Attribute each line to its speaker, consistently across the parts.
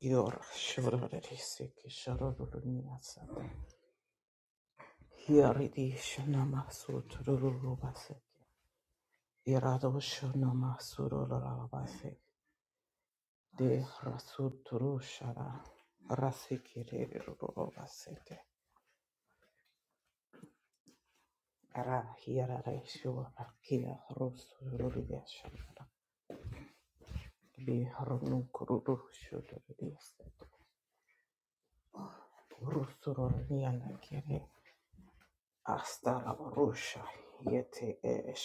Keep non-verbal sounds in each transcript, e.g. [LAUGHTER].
Speaker 1: Yor shororari seki shororuniya sata. Yaridi shonama sutururu baseki. Irado shonama surorara De rasuturu shara. Rasiki rururu baseki. Ara hirare shora kia rosururiya shara. Bi harunukururu shororiya seki. Rusururiya Asta rusha yete e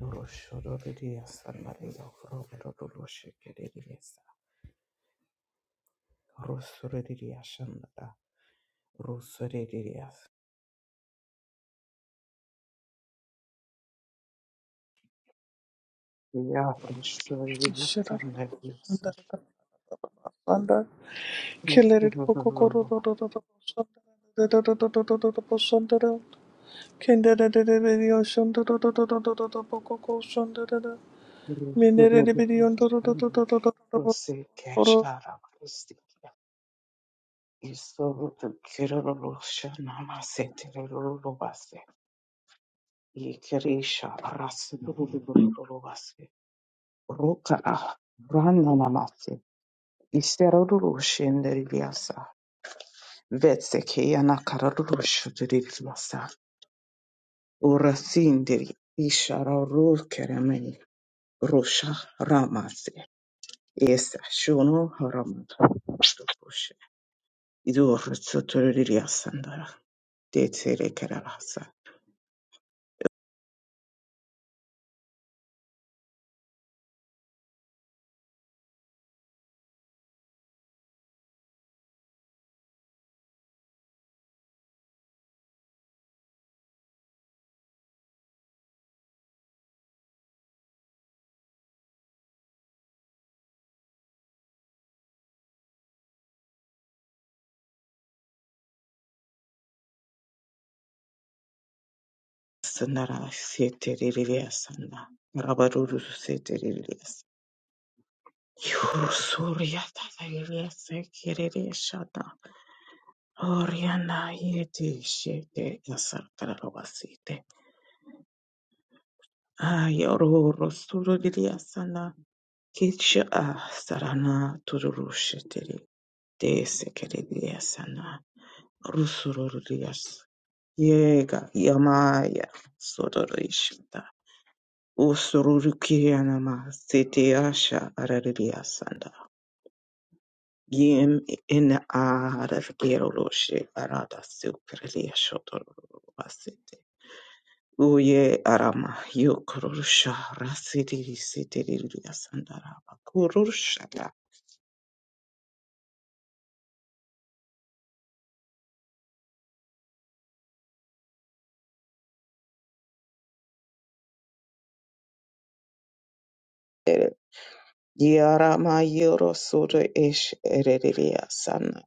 Speaker 1: Roshododiya Sandario Robododoshikidiasa Rosodidia Shandada Rosodidia Ya Rosodidia
Speaker 2: Shandar,
Speaker 1: Sandarius
Speaker 2: Killer Pokoro, Shandar, Kendra, Shandar, Pokoko, Shandar, Minere, Bidion,
Speaker 1: Rosikashara Christia Isoro Kirolosha Namasetirolobase Ikirisha Rasidolobase roka Rana Isterorushe nderiasa vetsekeya nakararushe nderiasa urasindiri isharorukerameyi rusha ramase esa shono haramata rushe idorutsotoririasa ndara detserekerarasa sandara seteririasa nda rabaruruse teririasa Yurusuria tata yeriasa kerereshata Oriana yeti shete yasarkarabasite. Ayoro rosuro diliasana kicha a sarana tururushetiri de sekerediasana rusururias. Yega yamaya sororishita. Usururukirianama sete asha arariasanda. Yem in a ararkero roshe arada silkredia shotorubasite. Uye arama yo kurusha rasidiri sidiri yasandara kurusha da. Yarama yoro sura ish erediria sana.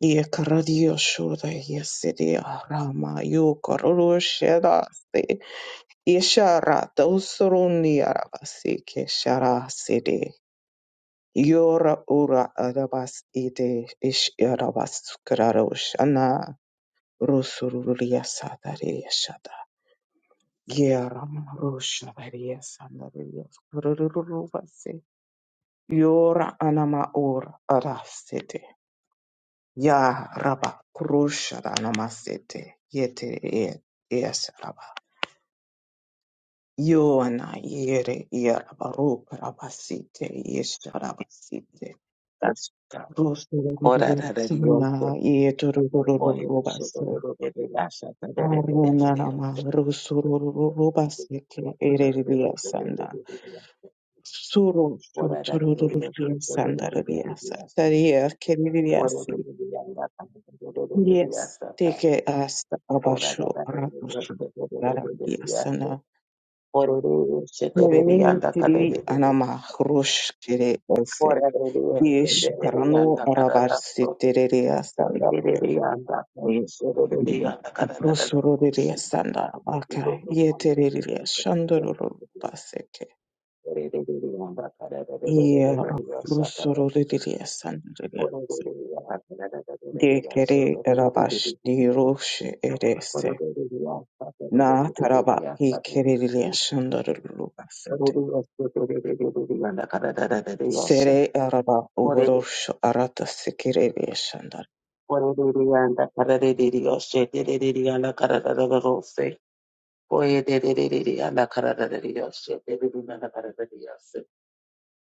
Speaker 1: Ye karadio shura yesidi arama yo kurusha da si. Yeshara dosuruni arabasi keshara sidi. Yora ura arabas ide ish arabas kararushana. Rusururia sadari Gyaram Roshavarias and the Rios Kururubase Yora Anama Ur Arasete Ya Rabba Krusha Anamasete Yete e- Yes Rabba Yoana Yere Yarabaru Rabasite Yes Rabasite
Speaker 3: That's Ora da da di o se
Speaker 1: Rosurubasuna
Speaker 3: o e se do do
Speaker 1: Yeturubase
Speaker 3: do de de la sa ta de de de de de de o
Speaker 1: Arunarama
Speaker 3: se.
Speaker 1: Rosurubasete Ereliasanda Suru
Speaker 3: Ora da da di o se
Speaker 1: tururururu
Speaker 3: do do do de de de de
Speaker 1: sandarabiyasa
Speaker 3: la sa.
Speaker 1: tariya
Speaker 3: Ora
Speaker 1: keririyasi.
Speaker 3: do do de la la ta de de de de de
Speaker 1: Yes,
Speaker 3: la sa ta.
Speaker 1: teke asta
Speaker 3: Ora
Speaker 1: abashu
Speaker 3: da da di o
Speaker 1: arabushu
Speaker 3: se do do do de de de la sa.
Speaker 1: darabiyasana.
Speaker 3: Ora do do se de de de
Speaker 1: Nevenini
Speaker 3: anda ka
Speaker 1: tiri
Speaker 3: de de de de.
Speaker 1: anama hrush kere ose.
Speaker 3: Ora do do o se
Speaker 1: Yesh
Speaker 3: de de de
Speaker 1: paranu
Speaker 3: anda ka da da
Speaker 1: arabarsi
Speaker 3: so.
Speaker 1: tereriyasa
Speaker 3: De de
Speaker 1: labyo.
Speaker 3: de anda ka e se do do de anda ka da da da da o
Speaker 1: Rusururiya
Speaker 3: se.
Speaker 1: sanda
Speaker 3: Yes.
Speaker 1: baka yeteririya shandururu baseke. Ye rusururiya sandarabiyasa. de kere erabaş rosh erese na taraba hi kereliye şandarılı basete sere araba uğroş arata sikereliye şandar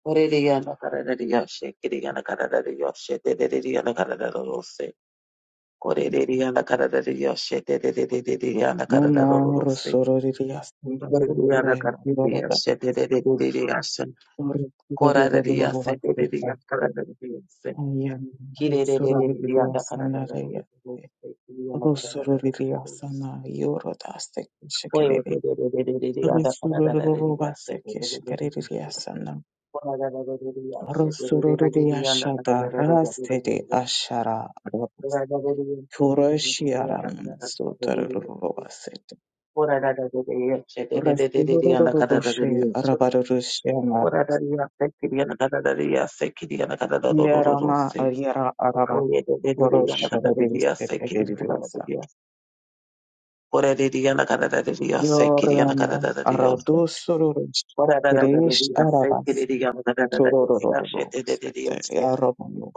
Speaker 3: Oreliyana kararariya she, kiriyana kararariya she, derereriyana karararorose. Korereriyana kararariya she, dererereriyana
Speaker 1: nuna
Speaker 3: karararorose.
Speaker 1: rosororiye şandarılı
Speaker 3: Korereriyana
Speaker 1: para
Speaker 3: kararariya
Speaker 1: yorada
Speaker 3: she, dererereriyana she.
Speaker 1: doğru
Speaker 3: Korarariya
Speaker 1: yoradalı
Speaker 3: she,
Speaker 1: basete
Speaker 3: derereriyana kararariya she.
Speaker 1: ayan rosororiye
Speaker 3: Kirerereriyana
Speaker 1: şandarıya
Speaker 3: karararorose, kiriyana
Speaker 1: rosororiye
Speaker 3: karararorose.
Speaker 1: şana yorada stek
Speaker 3: Korerereriyana kararariya she,
Speaker 1: şekereliye
Speaker 3: dererereriyana
Speaker 1: rosororiye
Speaker 3: karararorose.
Speaker 1: basete şekereliye
Speaker 3: Korararariyana she,
Speaker 1: Rosorori
Speaker 3: dererereriyana
Speaker 1: ashada rasteri
Speaker 3: karararorose.
Speaker 1: ashara robas.
Speaker 3: Ora
Speaker 1: Kuroshi aram sotar robasete. Rasuroro roshi Yerama yera araba korosha robiste pediriyosa. Yorama aradusorosh. Kirish arabas. Tororo robasete. Yarobamu.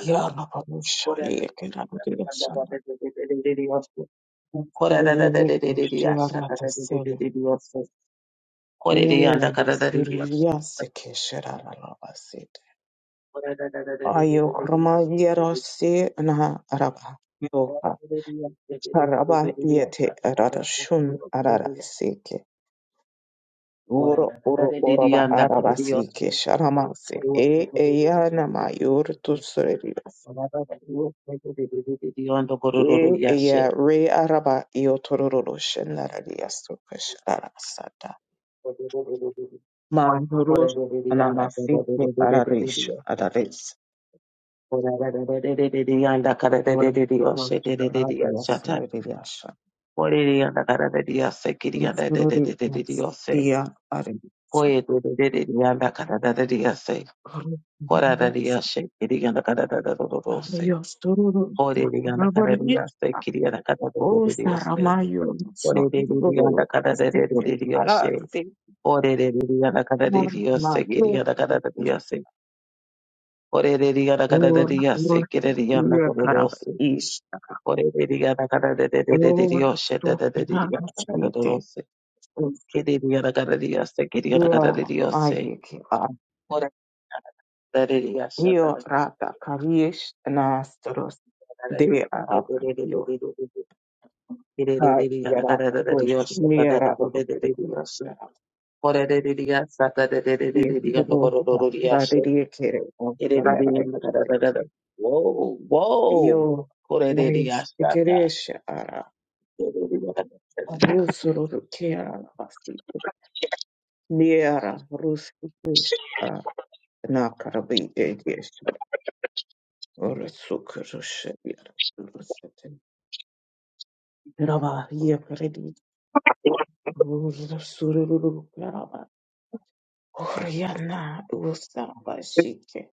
Speaker 1: Yarababusha yekenabiriyosana.
Speaker 3: Yes,
Speaker 1: Rasuroro Mm, Suriaseke Sharabasete. Ayo Kroma Yerose na Araba. Yo Araba Yete Arada Shun Arada Seke. Uro Uro Uraba Araba Seke Sharamase. E Eyana Mayor Tusurias. We Eya Re Araba Yotororo Shenaradiasu Kasharasada. Manduros Anamasiki Aradesh Adades.
Speaker 3: Ore
Speaker 1: Ora, storožna radila su riješa. Storožna, tia, aridja. Ora, storožna, raboriti. O, sarama ju, možu. Stiže, parati. Ora, maju, šor, oru, lekarabista.
Speaker 3: Ore de de ga na ga da de de de de de de
Speaker 1: Ora,
Speaker 3: yo she da
Speaker 1: to
Speaker 3: da de de de ga na ga da da do ro
Speaker 1: možete.
Speaker 3: se. Ke de de ga na ga da de ya se ke de ga na ga
Speaker 1: Tia,
Speaker 3: da de de yo se.
Speaker 1: maju, ki.
Speaker 3: Ore da de de ya she da
Speaker 1: Io
Speaker 3: da da
Speaker 1: rata kavish nastaros
Speaker 3: da da
Speaker 1: de
Speaker 3: de de de de de de
Speaker 1: arabio
Speaker 3: de de de. Ke de de
Speaker 1: kai
Speaker 3: de de ga na ga
Speaker 1: vera
Speaker 3: da da da de yo
Speaker 1: kosh
Speaker 3: she da da da
Speaker 1: mira
Speaker 3: de de de de de yo se. Ore de de de ga sa da de de de de
Speaker 1: i
Speaker 3: de de ga do ko do do
Speaker 1: rosa
Speaker 3: do de ya she.
Speaker 1: radiri kere
Speaker 3: Ke de ba de ga
Speaker 1: osamarai
Speaker 3: na ga da da da
Speaker 1: tike
Speaker 3: da. Whoa,
Speaker 1: io
Speaker 3: whoa. Ore de de
Speaker 1: oris
Speaker 3: ga sa da.
Speaker 1: keresh ara
Speaker 3: De de de ga da da da.
Speaker 1: rusuru kera pastike mira ruski a na karabi egesh orisuk rush bir rusete Rava Rusururuklaraba, Koryana, Usabashike,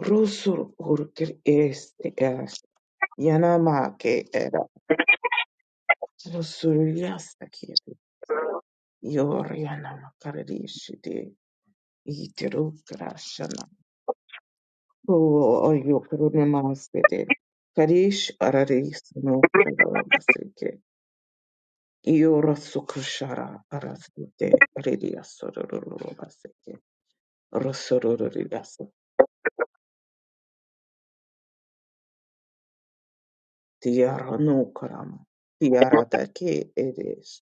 Speaker 1: Rusur Urkir este er, Yanamake era, Rusuryastaki, Yoriana Makarishide, Iterukrashana, O Yokrunamastede, Karish Araris no Pradamaseke, Yorasukrishara Arasite, Ridia Sororobaseke, Tiara no karama. Tiara dake it is.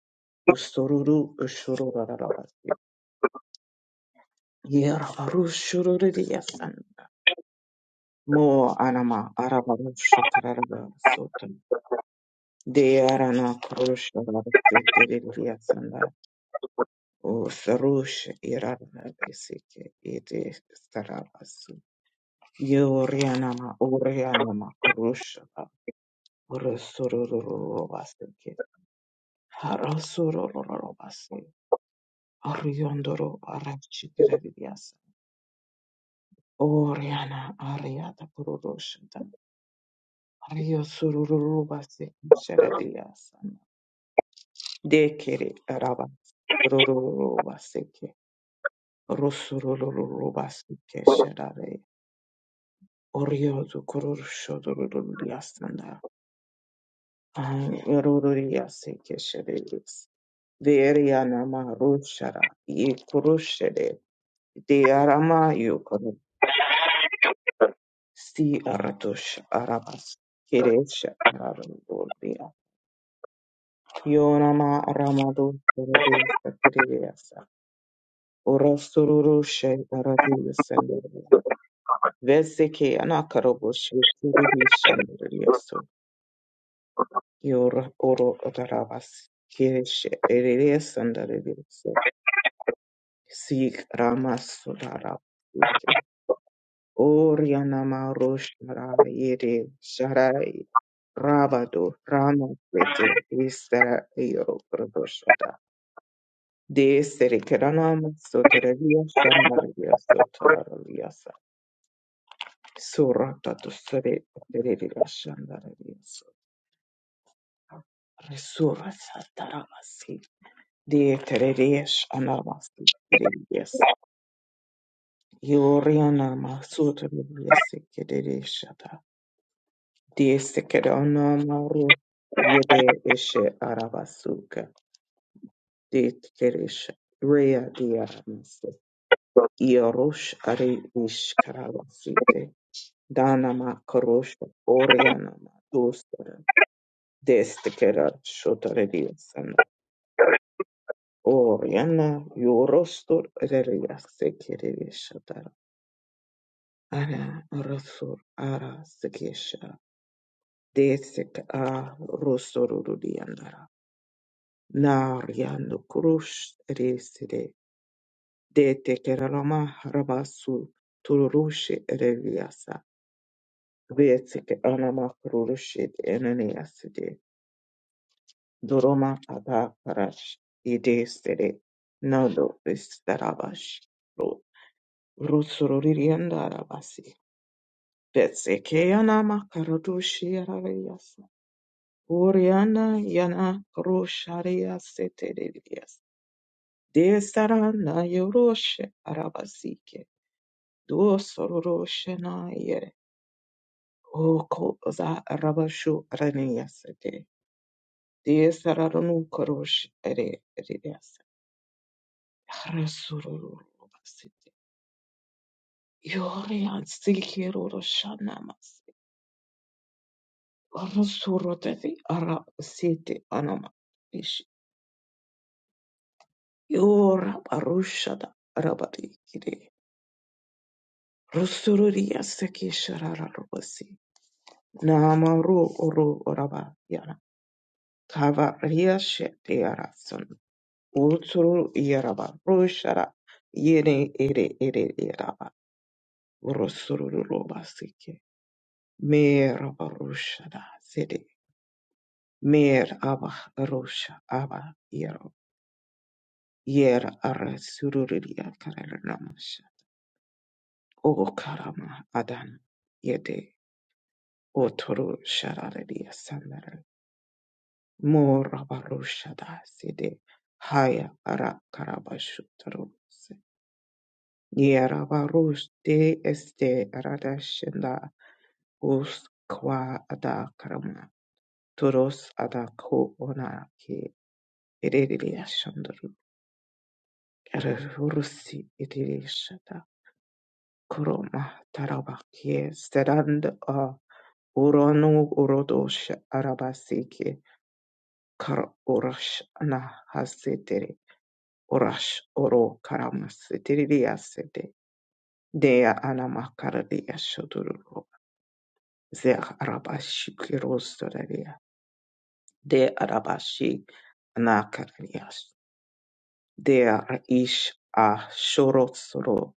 Speaker 1: Ustururu ushururarararati. Yara aru shururiyasan. Mo anama arabarushu kararaba sotan. Deara na karusha rarasitiririyasan da. O sarush irarana besike it is sararasu. Yorianama orianama karusha. Urusurururubasike. Harasururubasike. Oriondoro Arachikarabias. Oriana Ariata Purushita. Rio Sururubase Sheradias. Dekiri Arabas. Rurubaseke. Rosurubaseke Sherare. Oriozu Kurushoduriasana. Ruriaseke Sheredis. Veriana Marushara. Ye Kurushede. De Arama Si aratush arabas. Kiresh arandordia. Yonama aramadu sorobesa terereasa. Orosururushe aradiyasandere. Veseke anakaroboshe tiribishanderiaso. Yor oro darabas. Kiresh erereasandere. Sig ramas darabas. Orianama Roshara Yere Sharai Rabado Rama Vete Isara Io Pradoshata De Serikiranam Sotaravia Shandaravia Sotaraviasa Surata to Sere Terevia Shandaravia Resura Sataramasi De Terevias Anamasi Terevias Yorianama Sotaravia Sekederisha de sekedonomoru yede eshe arabasuka de keresh rea diaramas iorosh are ish karabasite danama korosh orianama dostara destekera shotarediasana oriana yorostor reria sekeredeshatara ara rosor ara sekesha desek a rosorurudianara Naryandu kurush reside dete keralama rabasu tururushi reviasa vetike anama kururushi eneniaside doroma ada parash idestere nado istarabash ro rusuririanda rabasi vetsike anama karadushi araviasa Uriana yana krusharia Desarana yoroshe arabasike. Duosororoshe na yere. O koza arabashu raniyasete. Desaranu korosh ere eriyase. Harasurorobasite. Yorian sikiroroshanamase. Arasuroteti arabasite anama. Ish. Yora barushada arabari kire. Rusururiyase kishara Namaru Uru Oraba Yana Kava Riashe Tiarason Utsuru Yaraba Rushara Yene Ere Ere Yaraba Rosuru Roba Sike Mer Rushada Sede Mer Aba Rusha Aba Yero Yer Ara Sururia Karanamasha O Karama Adan Yede Otoru Shararia Morabarushadaside Haya ara Arakarabashutarose Yerabarush de Este Radashenda Uskwa Adakarama Turos ada ko ona ki Onaki Erediashandaru Erurusi Edirishada Kuroma Tarabaki Sterand A Uronu Urodosh Arabasiki Kar Urash na Orash oro karamas tiririasete dea anamakardia shodururo ze arabashi kirostoraria de arabashi anakararias dea ish a shorotsoro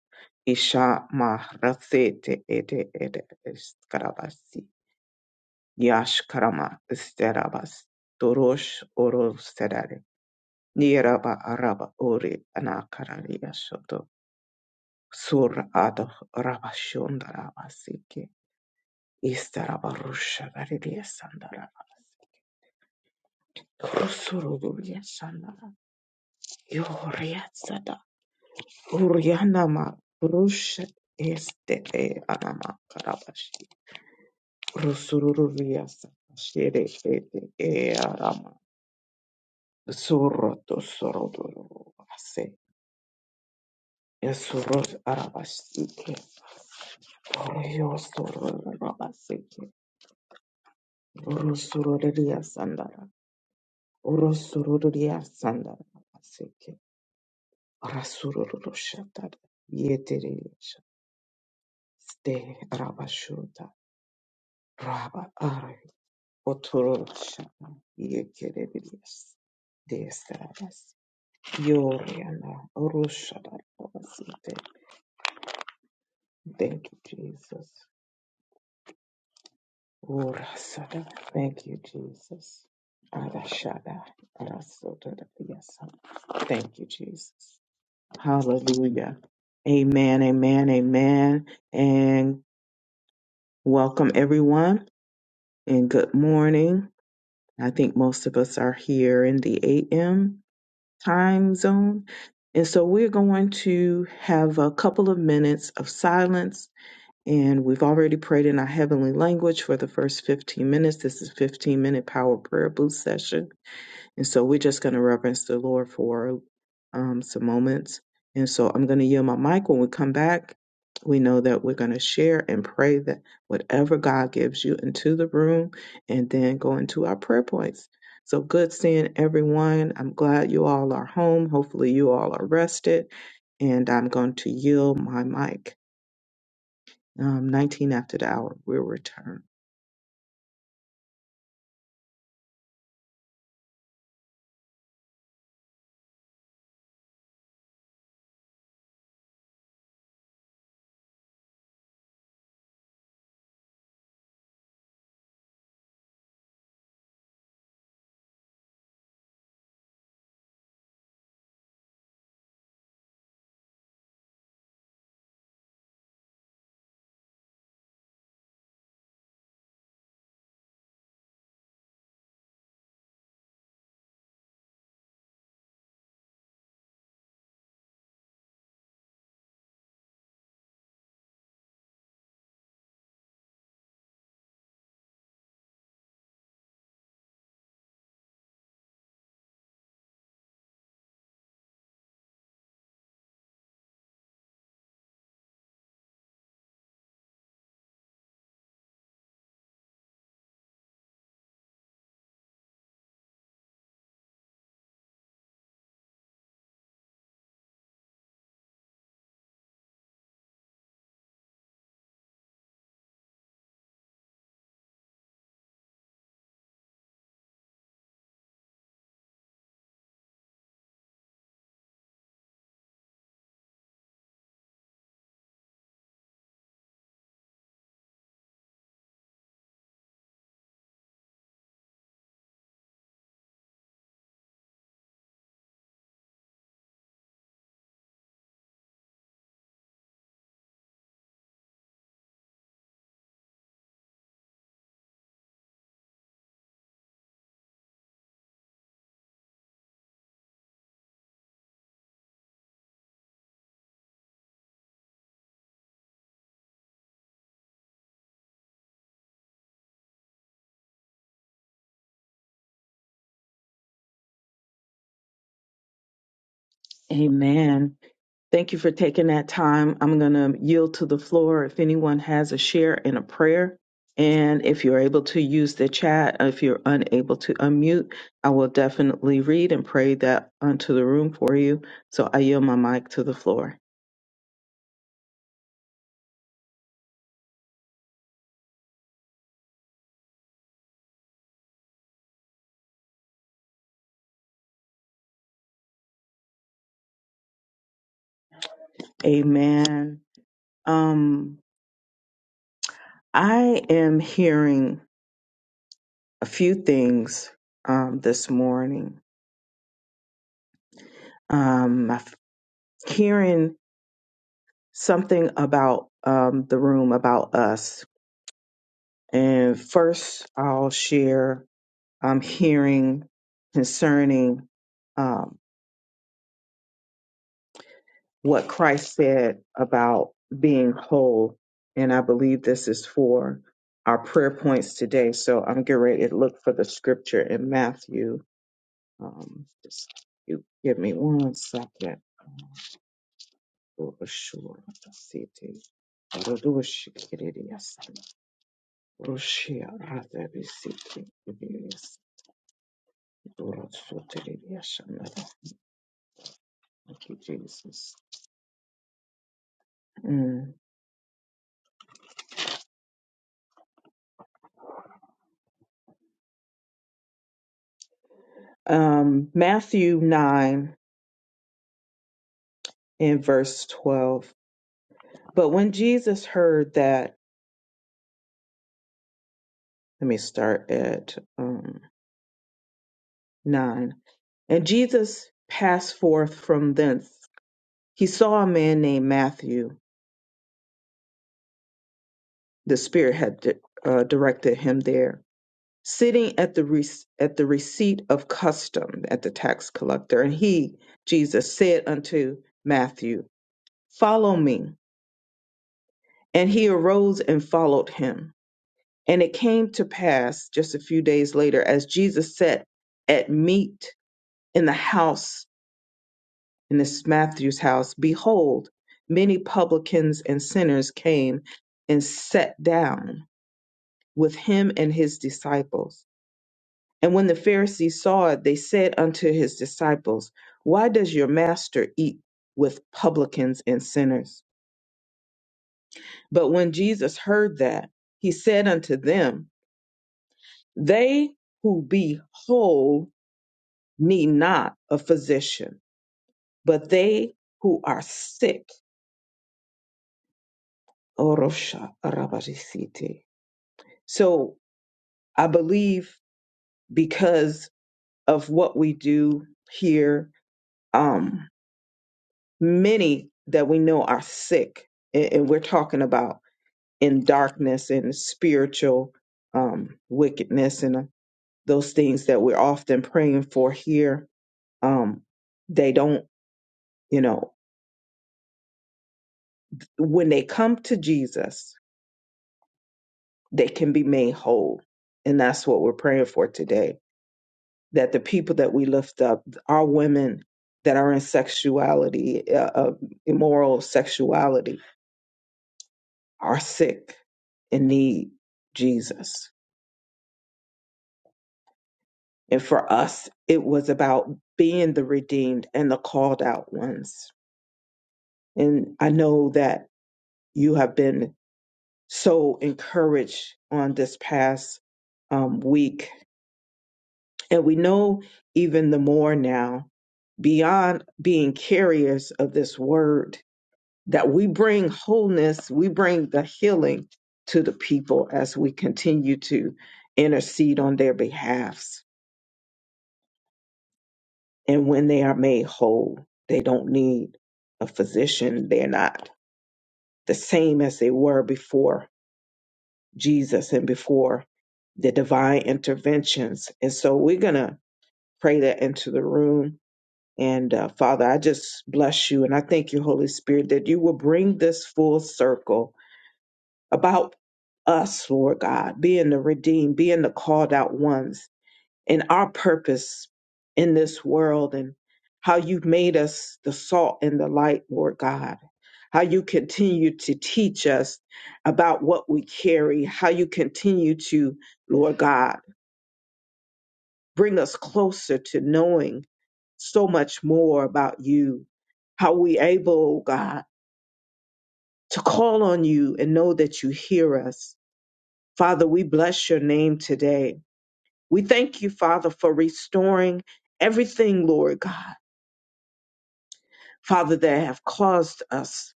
Speaker 1: isha mahrasete ede ede eskarabasi yash karama esterabas dorosh oro serare niraba araba ore anakararias Sur ad rabashondarabasike. Istarabarushagaririasandarabasike. sandara. Rosuruduria sandara. Yoriatsada. Urianama rusha este e anama karabashi. Rusururiasa. Shere ete e arama. Surroto sorodurubase. Esurros arabasike. Oriosururabasike. sandara. Orosorororya sandara baseke. Rasuroro shatara. Yeterere shatara. Ste rabashuta. Raba are. Otoro shatara. Yekerere De sarabas. Yoriana. Oroshadara basete. Thank you, Jesus. Orasada. Thank you, Jesus. Arashada. Arasodara yasa. Thank you, Jesus. Hallelujah. Amen, amen, amen. And welcome everyone and good morning. I think most of us are here in the AM time zone. And so we're going to have a couple of minutes of silence. And we've already prayed in our heavenly language for the first 15 minutes. This is 15 minute power prayer boost session. And so we're just going to reverence the Lord for um, some moments. And so I'm going to yield my mic. When we come back, we know that we're going to share and pray that whatever God gives you into the room and then go into our prayer points. So good seeing everyone. I'm glad you all are home. Hopefully, you all are rested. And I'm going to yield my mic. Um, 19 after the hour, we'll return. Amen. Thank you for taking that time. I'm going to yield to the floor if anyone has a share and a prayer. And if you're able to use the chat, if you're unable to unmute, I will definitely read and pray that unto the room for you. So I yield my mic to the floor. Amen. Um, I am hearing a few things um, this morning. Um, I'm hearing something about um, the room, about us And first, I'll share I'm hearing concerning um, what Christ said about being whole. And I believe this is for our prayer points today. So I'm getting ready to look for the scripture in Matthew. Um, just you give me one second. For sure. Let's see if Rodoshi Kiridias, Roshia Radavisiki, Thank you, Jesus. Mm. Um, Matthew 9 and verse 12. But when Jesus heard that, let me start at um, 9. And Jesus passed forth from thence. He saw a man named Matthew. The Spirit had di- uh, directed him there, sitting at the re- at the receipt of custom at the tax collector. And he, Jesus, said unto Matthew, Follow me. And he arose and followed him. And it came to pass just a few days later, as Jesus sat at meat in the house, in this Matthew's house, behold, many publicans and sinners came and sat down with him and his disciples. And when the Pharisees saw it, they said unto his disciples, Why does your master eat with publicans and sinners? But when Jesus heard that, he said unto them, They who be whole need not a physician, but they who are sick. Orosha Arabarisiti. So I believe because of what we do here, um, many that we know are sick, and, and we're talking about in darkness and spiritual um, wickedness and uh, those things that we're often praying for here, um, they don't, you know. when they come to Jesus, they can be made whole. And that's what we're praying for today that the people that we lift up, our women that are in sexuality, uh, uh, immoral sexuality, are sick and need Jesus. And for us, it was about being the redeemed and the called out ones. And I know that you have been so encouraged on this past um, week And we know even the more now, beyond being carriers of this word, that we bring wholeness, we bring the healing to the people as we continue to intercede on their behalfs. And when they are made whole, they don't need a physician. They're not the same as they were before Jesus and before the divine interventions. And so we're going to pray that into the room And uh, Father, I just bless you and I thank you, Holy Spirit, that you will bring this full circle about us, Lord God, being the redeemed, being the called out ones, and our purpose in this world and how you've made us the salt and the light, Lord God. How you continue to teach us about what we carry, how you continue to, Lord God, bring us closer to knowing so much more about you. How we able, God, to call on you and know that you hear us. Father, we bless your name today. We thank you, Father, for restoring everything, Lord God, Father, that have caused us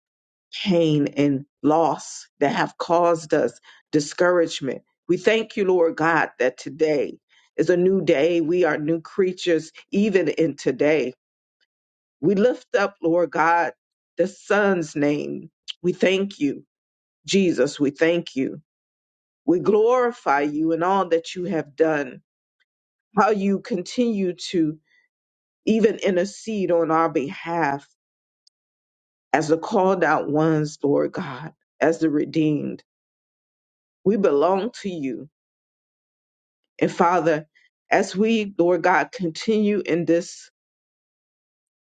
Speaker 1: pain and loss, that have caused us discouragement. We thank you, Lord God, that today is a new day. We are new creatures even in today. We lift up, Lord God, the Son's name. We thank you, Jesus. We thank you. We glorify you in all that you have done, how you continue to even intercede on our behalf as the called out ones, Lord God, as the redeemed. We belong to you. And Father, as we, Lord God, continue in this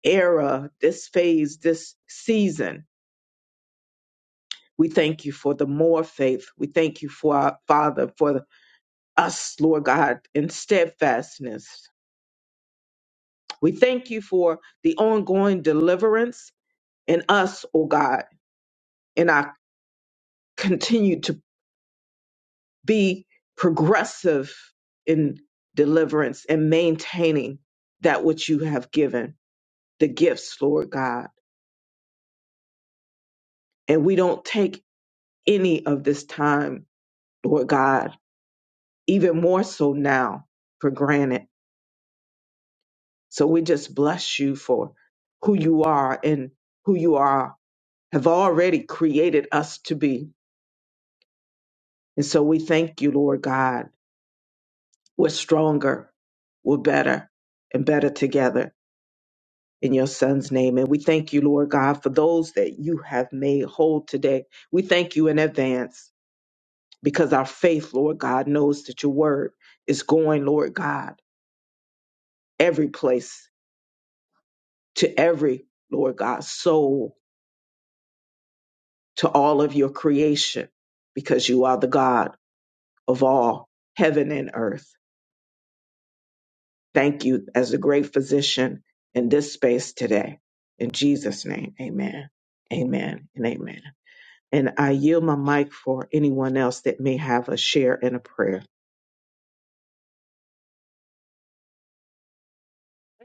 Speaker 1: era, this phase, this season, we thank you for the more faith. We thank you for our Father for us, Lord God, in steadfastness. We thank you for the ongoing deliverance in us, O God, and I continue to be progressive in deliverance and maintaining that which you have given, the gifts, Lord God. And we don't take any of this time, Lord God, even more so now for granted. So we just bless you for who you are and who you are have already created us to be. And so we thank you, Lord God. We're stronger, we're better, and better together in your son's name. And we thank you, Lord God, for those that you have made whole today. We thank you in advance because our faith, Lord God, knows that your word is going, Lord God, every place to every, Lord God, soul, to all of your creation, because you are the God of all heaven and earth. Thank you as the great physician in this space today. In Jesus' name, amen, amen, and amen. And I yield my mic for anyone else that may have a share and a prayer.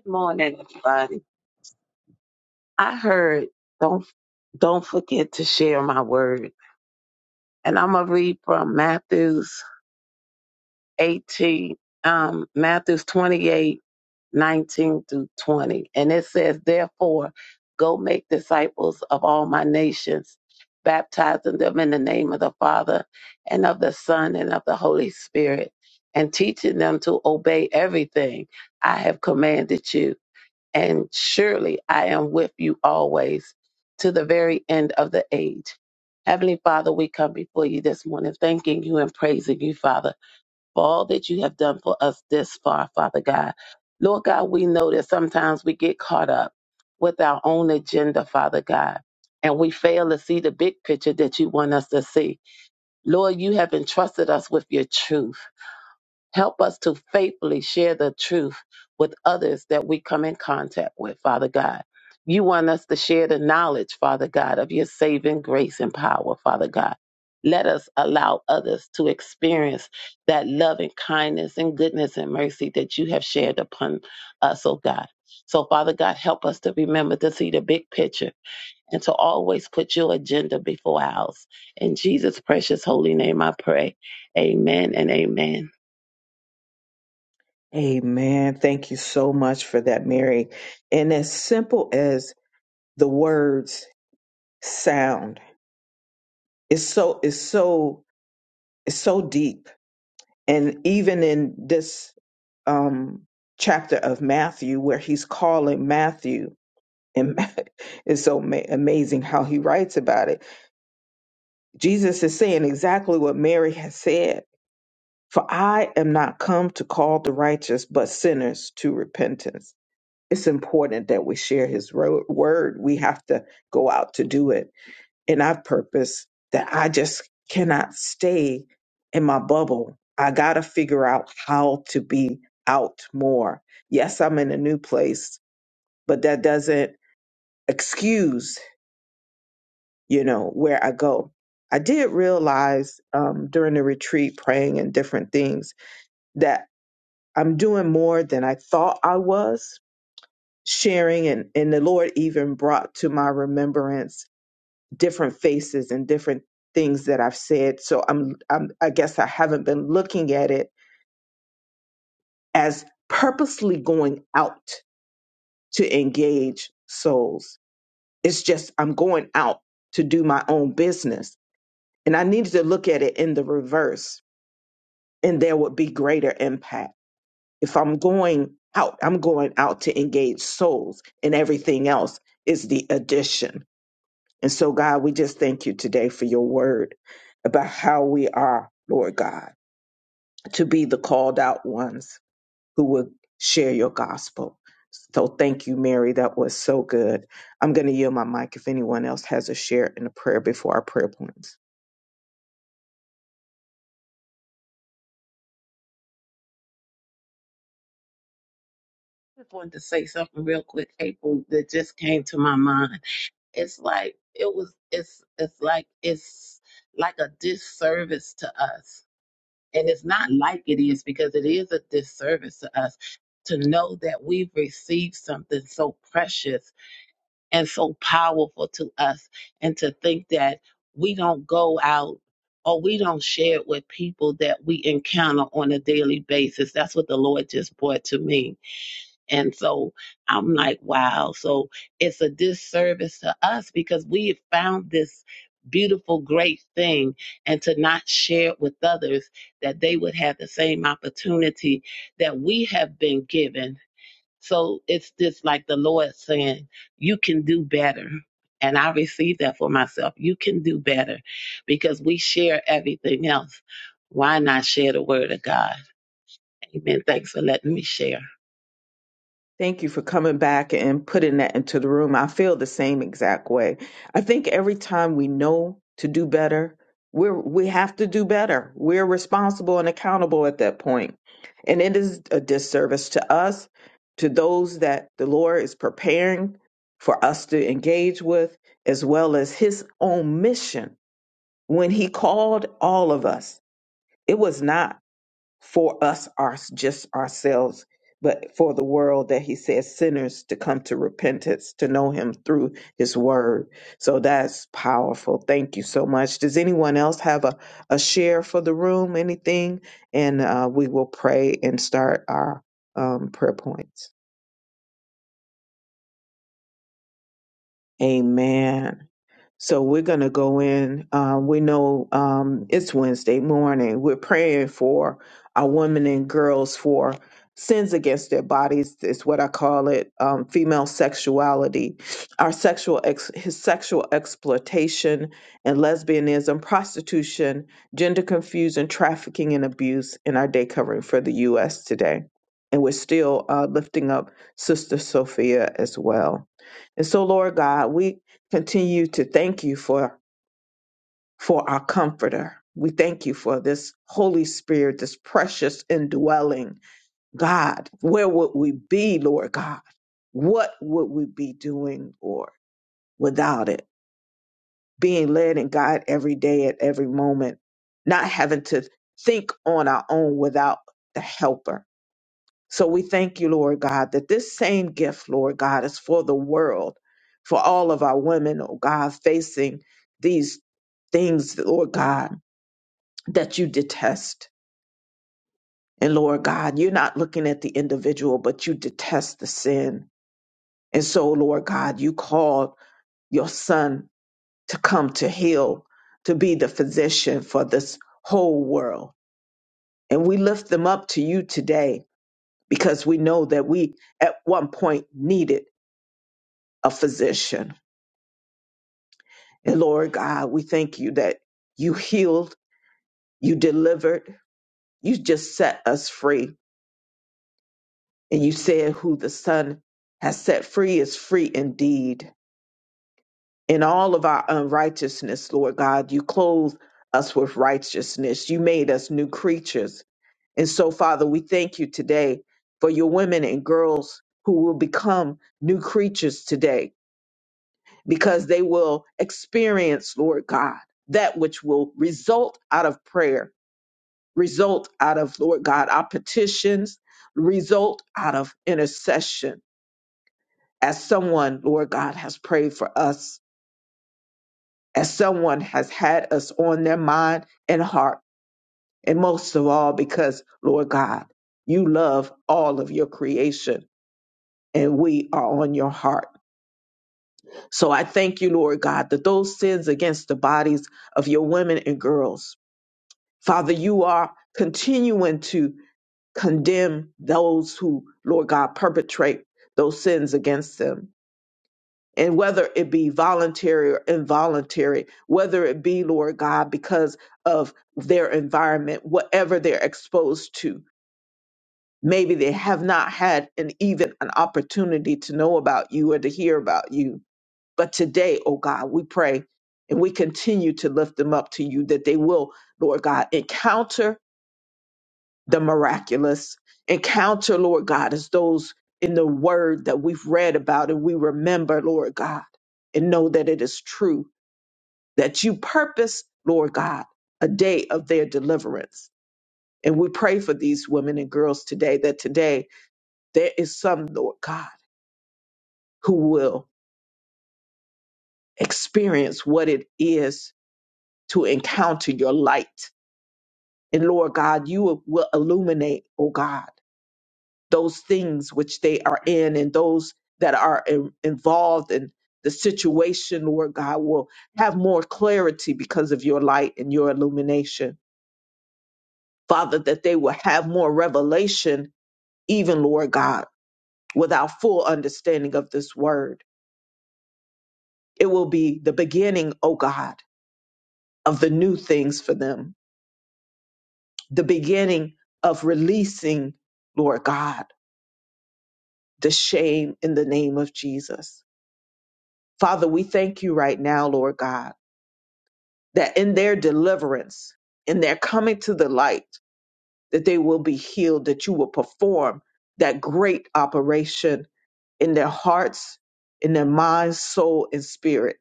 Speaker 3: Good morning, everybody. I heard don't don't forget to share my word. And I'm gonna read from Matthew's 18, um, Matthew's 28, 19 through 20. And it says, Therefore, go make disciples of all my nations, baptizing them in the name of the Father and of the Son and of the Holy Spirit, and teaching them to obey everything I have commanded you and surely I am with you always to the very end of the age. Heavenly Father, we come before you this morning, thanking you and praising you, Father, for all that you have done for us this far, Father God. Lord God, we know that sometimes we get caught up with our own agenda, Father God, and we fail to see the big picture that you want us to see. Lord, you have entrusted us with your truth. Help us to faithfully share the truth with others that we come in contact with, Father God. You want us to share the knowledge, Father God, of your saving grace and power, Father God. Let us allow others to experience that love and kindness and goodness and mercy that you have shared upon us, oh God. So, Father God, help us to remember to see the big picture and to always put your agenda before ours. In Jesus' precious holy name, I pray. Amen and amen.
Speaker 1: Amen. Thank you so much for that, Mary. And as simple as the words sound, it's so it's so it's so deep. And even in this um, chapter of Matthew, where he's calling Matthew And [LAUGHS] it's so ma- amazing how he writes about it. Jesus is saying exactly what Mary has said For I am not come to call the righteous, but sinners to repentance. It's important that we share his ro- word. We have to go out to do it. And I've purpose that I just cannot stay in my bubble. I got to figure out how to be out more. Yes, I'm in a new place, but that doesn't excuse you know, where I go. I did realize um, during the retreat, praying and different things, that I'm doing more than I thought I was sharing. And, and the Lord even brought to my remembrance different faces and different things that I've said. So I'm, I'm I guess I haven't been looking at it as purposely going out to engage souls. It's just I'm going out to do my own business. And I needed to look at it in the reverse and there would be greater impact. If I'm going out, I'm going out to engage souls, and everything else is the addition. And so, God, we just thank you today for your word about how we are, Lord God, to be the called out ones who would share your gospel. So thank you, Mary. That was so good. I'm going to yield my mic if anyone else has a share in a prayer before our prayer points.
Speaker 3: just wanted to say something real quick, April, that just came to my mind. It's like it was it's it's like it's like a disservice to us. And it's not like it is because it is a disservice to us to know that we've received something so precious and so powerful to us and to think that we don't go out or we don't share it with people that we encounter on a daily basis. That's what the Lord just brought to me and so I'm like, wow. So it's a disservice to us because we have found this beautiful, great thing and to not share it with others that they would have the same opportunity that we have been given. So it's just like the Lord saying, you can do better. And I received that for myself. You can do better because we share everything else. Why not share the word of God? Amen. Thanks for letting me share.
Speaker 1: Thank you for coming back and putting that into the room. I feel the same exact way. I think every time we know to do better, we're we have to do better. We're responsible and accountable at that point. And it is a disservice to us, to those that the Lord is preparing for us to engage with, as well as his own mission. When he called all of us, it was not for us, our, just ourselves, but for the world that he says sinners to come to repentance, to know him through his word. So that's powerful. Thank you so much. Does anyone else have a, a share for the room, anything? And uh, we will pray and start our um, prayer points. Amen. So we're going to go in. Uh, we know um, it's Wednesday morning. We're praying for our women and girls for sins against their bodies. Is what I call it. Um, female sexuality, our sexual ex- his sexual exploitation and lesbianism, prostitution, gender confusion, trafficking, and abuse in our day covering for the U.S. today. And we're still uh, lifting up Sister Sophia as well. And so, Lord God, we continue to thank you for for our comforter. We thank you for this Holy Spirit, this precious indwelling God. Where would we be, Lord God? What would we be doing, Lord, without it? Being led and guided every day at every moment, not having to think on our own without the helper So we thank you, Lord God, that this same gift, Lord God, is for the world, for all of our women, oh God, facing these things, Lord God, that you detest. And Lord God, you're not looking at the individual, but you detest the sin. And so, Lord God, you called your son to come to heal, to be the physician for this whole world. And we lift them up to you today because we know that we at one point needed a physician. And Lord God, we thank you that you healed, you delivered, you just set us free. And you said, Who the Son has set free is free indeed. In all of our unrighteousness, Lord God, you clothed us with righteousness. You made us new creatures. And so, Father, we thank you today for your women and girls who will become new creatures today because they will experience, Lord God, that which will result out of prayer, result out of, Lord God, our petitions, result out of intercession. As someone, Lord God, has prayed for us, as someone has had us on their mind and heart, and most of all, because, Lord God, you love all of your creation and we are on your heart. So I thank you, Lord God, that those sins against the bodies of your women and girls Father, you are continuing to condemn those who, Lord God, perpetrate those sins against them. And whether it be voluntary or involuntary, whether it be, Lord God, because of their environment, whatever they're exposed to, maybe they have not had an even an opportunity to know about you or to hear about you. But today, oh God, we pray and we continue to lift them up to you that they will, Lord God, encounter the miraculous encounter, Lord God, as those in the word that we've read about and we remember, Lord God, and know that it is true that you purpose, Lord God, a day of their deliverance. And we pray for these women and girls today that today there is some, Lord God, who will experience what it is to encounter your light. And Lord God, you will illuminate, oh God those things which they are in and those that are in, involved in the situation, Lord God, will have more clarity because of your light and your illumination. Father, that they will have more revelation, even, Lord God, without full understanding of this word. It will be the beginning, O God, of the new things for them, the beginning of releasing, Lord God, the shame in the name of Jesus. Father, we thank you right now, Lord God that in their deliverance, in their coming to the light, that they will be healed, that you will perform that great operation in their hearts, in their minds, soul, and spirit,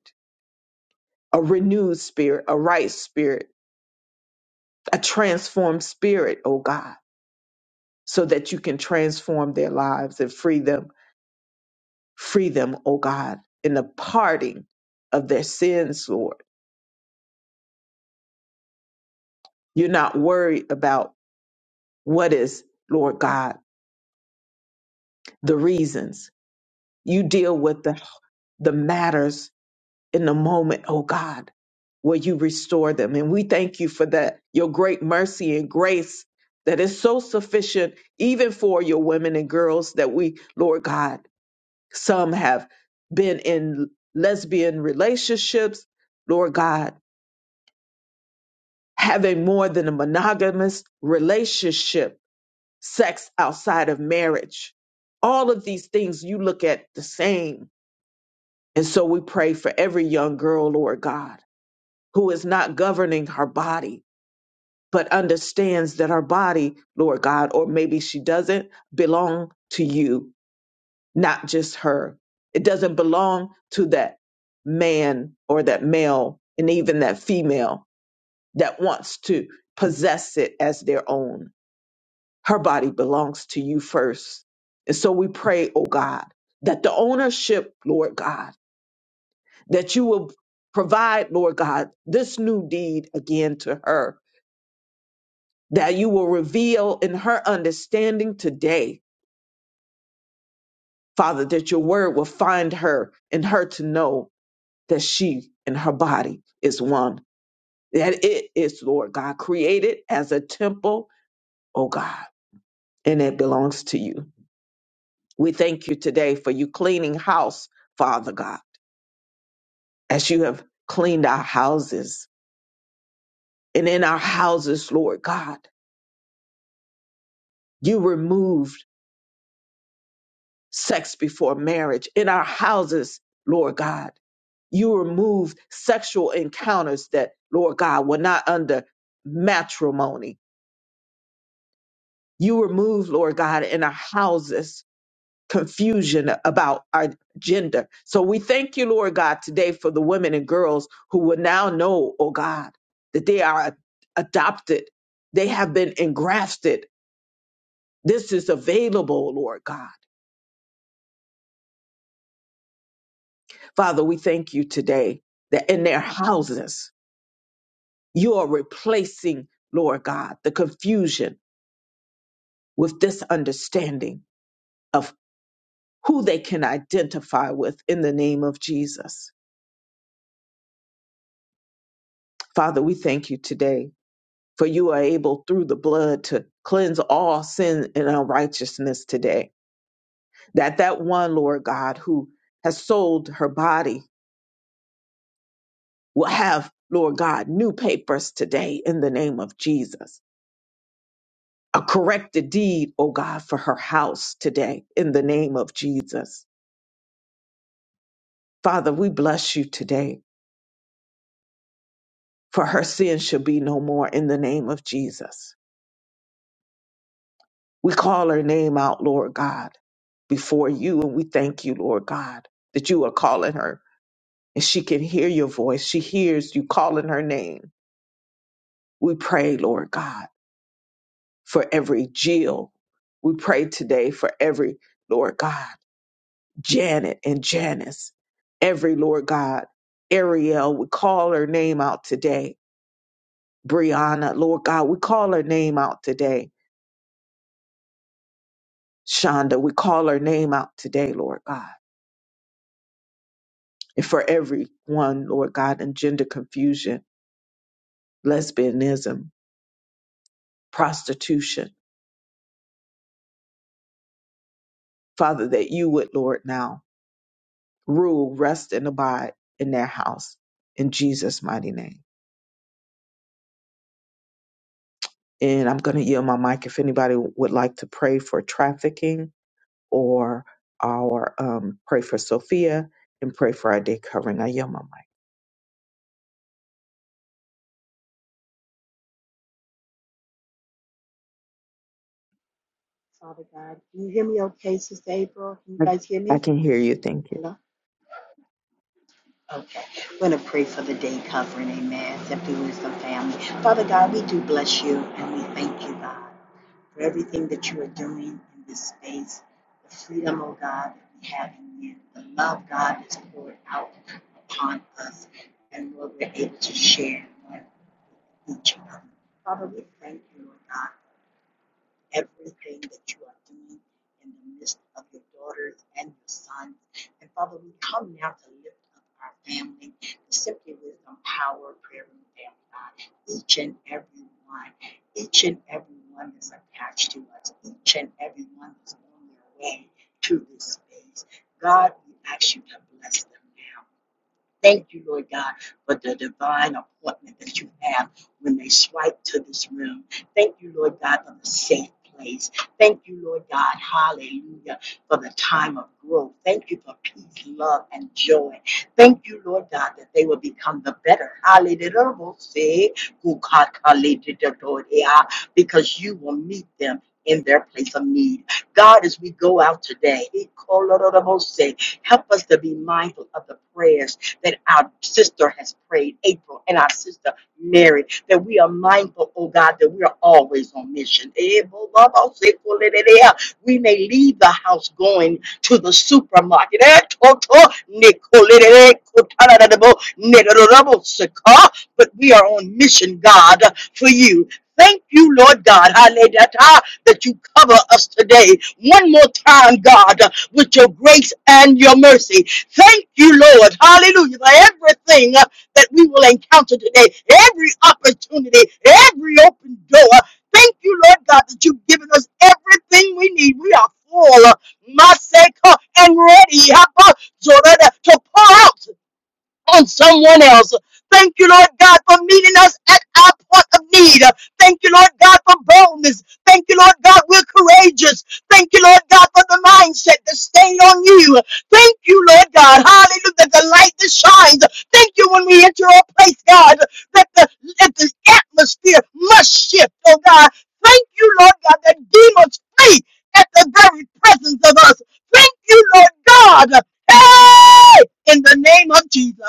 Speaker 1: a renewed spirit, a right spirit, a transformed spirit, oh God, so that you can transform their lives and free them, free them, oh God, in the parting of their sins, Lord. You're not worried about what is, Lord God, the reasons You deal with the, the matters in the moment, oh God, where you restore them. And we thank you for that, your great mercy and grace that is so sufficient even for your women and girls that we, Lord God, some have been in lesbian relationships, Lord God, having more than a monogamous relationship, sex outside of marriage. All of these things you look at the same And so we pray for every young girl, Lord God, who is not governing her body, but understands that her body, Lord God, or maybe she doesn't belong to you, not just her. It doesn't belong to that man or that male and even that female that wants to possess it as their own. Her body belongs to you first. And so we pray, oh God, that the ownership, Lord God, that you will provide, Lord God, this new deed again to her, that you will reveal in her understanding today, Father, that your word will find her and her to know that she and her body is one, that it is, Lord God, created as a temple, oh God, and it belongs to you. We thank you today for you cleaning house, Father God, as you have cleaned our houses. And in our houses, Lord God, you removed. sex before marriage in our houses, Lord God. You remove sexual encounters that, Lord God, were not under matrimony. You remove, Lord God, in our houses confusion about our gender. So we thank you, Lord God, today for the women and girls who will now know, oh God, that they are adopted. They have been engrafted. This is available, Lord God. Father, we thank you today that in their houses You are replacing, Lord God, the confusion with this understanding of who they can identify with in the name of Jesus. Father, we thank you today for you are able through the blood to cleanse all sin and unrighteousness today. That that one, Lord God, who has sold her body will have, Lord God, new papers today in the name of Jesus. A corrected deed, oh God, for her house today in the name of Jesus Father, we bless you today, for her sin shall be no more in the name of Jesus. We call her name out, Lord God, before you, and we thank you, Lord God, that you are calling her and she can hear your voice. She hears you calling her name. We pray, Lord God, for every Jill. We pray today for every, Lord God, Janet and Janice, every, Lord God, Ariel. We call her name out today Brianna, Lord God, we call her name out today. Shonda, we call her name out today, Lord God. And for everyone, Lord God, in gender confusion, lesbianism, prostitution, Father, that you would, Lord, now rule, rest, and abide in their house in Jesus' mighty name. And I'm going to yield my mic if anybody would like to pray for trafficking or our um, pray for Sophia and pray for our day covering. I yield my
Speaker 4: Father God, can you hear me okay, Sister April? Can you
Speaker 1: mic.
Speaker 4: guys hear
Speaker 1: I I
Speaker 4: me?
Speaker 1: can hear you. Thank you.
Speaker 4: Hello? Okay. We're going to pray for the day covering. Amen. Simply Wisdom family. Father God, we do bless you and we thank you, God, for everything that you are doing in this space, the freedom, oh God, that we have in you, the love, God, that's poured out upon us, and Lord, we're able to share with each other. Father, we thank you, Lord God. everything that you are doing in the midst of your daughters and your sons. And Father, we come now to lift up our family, simply wisdom, power, prayer, room family, God. Each and every one, each and every one that's attached to us, each and every one that's on their way to this space. God, we ask you to bless them now. Thank you, Lord God, for the divine appointment that you have when they swipe to this room. Thank you, Lord God, for the safe place. Thank you, Lord God, hallelujah, for the time of growth. Thank you for peace, love, and joy. Thank you, Lord God, that they will become the better. Hallelujah. Because you will meet them in their place of need. God, as we go out today, help us to be mindful of the prayers that our sister has prayed, April, and our sister Mary, that we are mindful, oh God, that we are always on mission. We may leave the house going to the supermarket. But we are on mission, God, for you. Thank you, Lord God, that you cover us today. One more time, God, with your grace and your mercy. Thank you, Lord. Hallelujah. For everything uh, that we will encounter today, every opportunity, every open door. Thank you, Lord God, that you've given us everything we need. We are full, uh, Maseka, and ready Hapa, Zorada, to pour out on someone else. Thank you, Lord God, for meeting us at our point of need. Thank you, Lord God, for boldness. Thank you, Lord God, we're courageous. Thank you, Lord God, for the mindset to stay on you. Thank you, Lord God. Hallelujah. The light that shines. Thank you when we enter a place, God, that the, that the atmosphere must shift, oh God. Thank you, Lord God, that demons flee at the very presence of us. Thank you, Lord God. Hey! In the name of Jesus.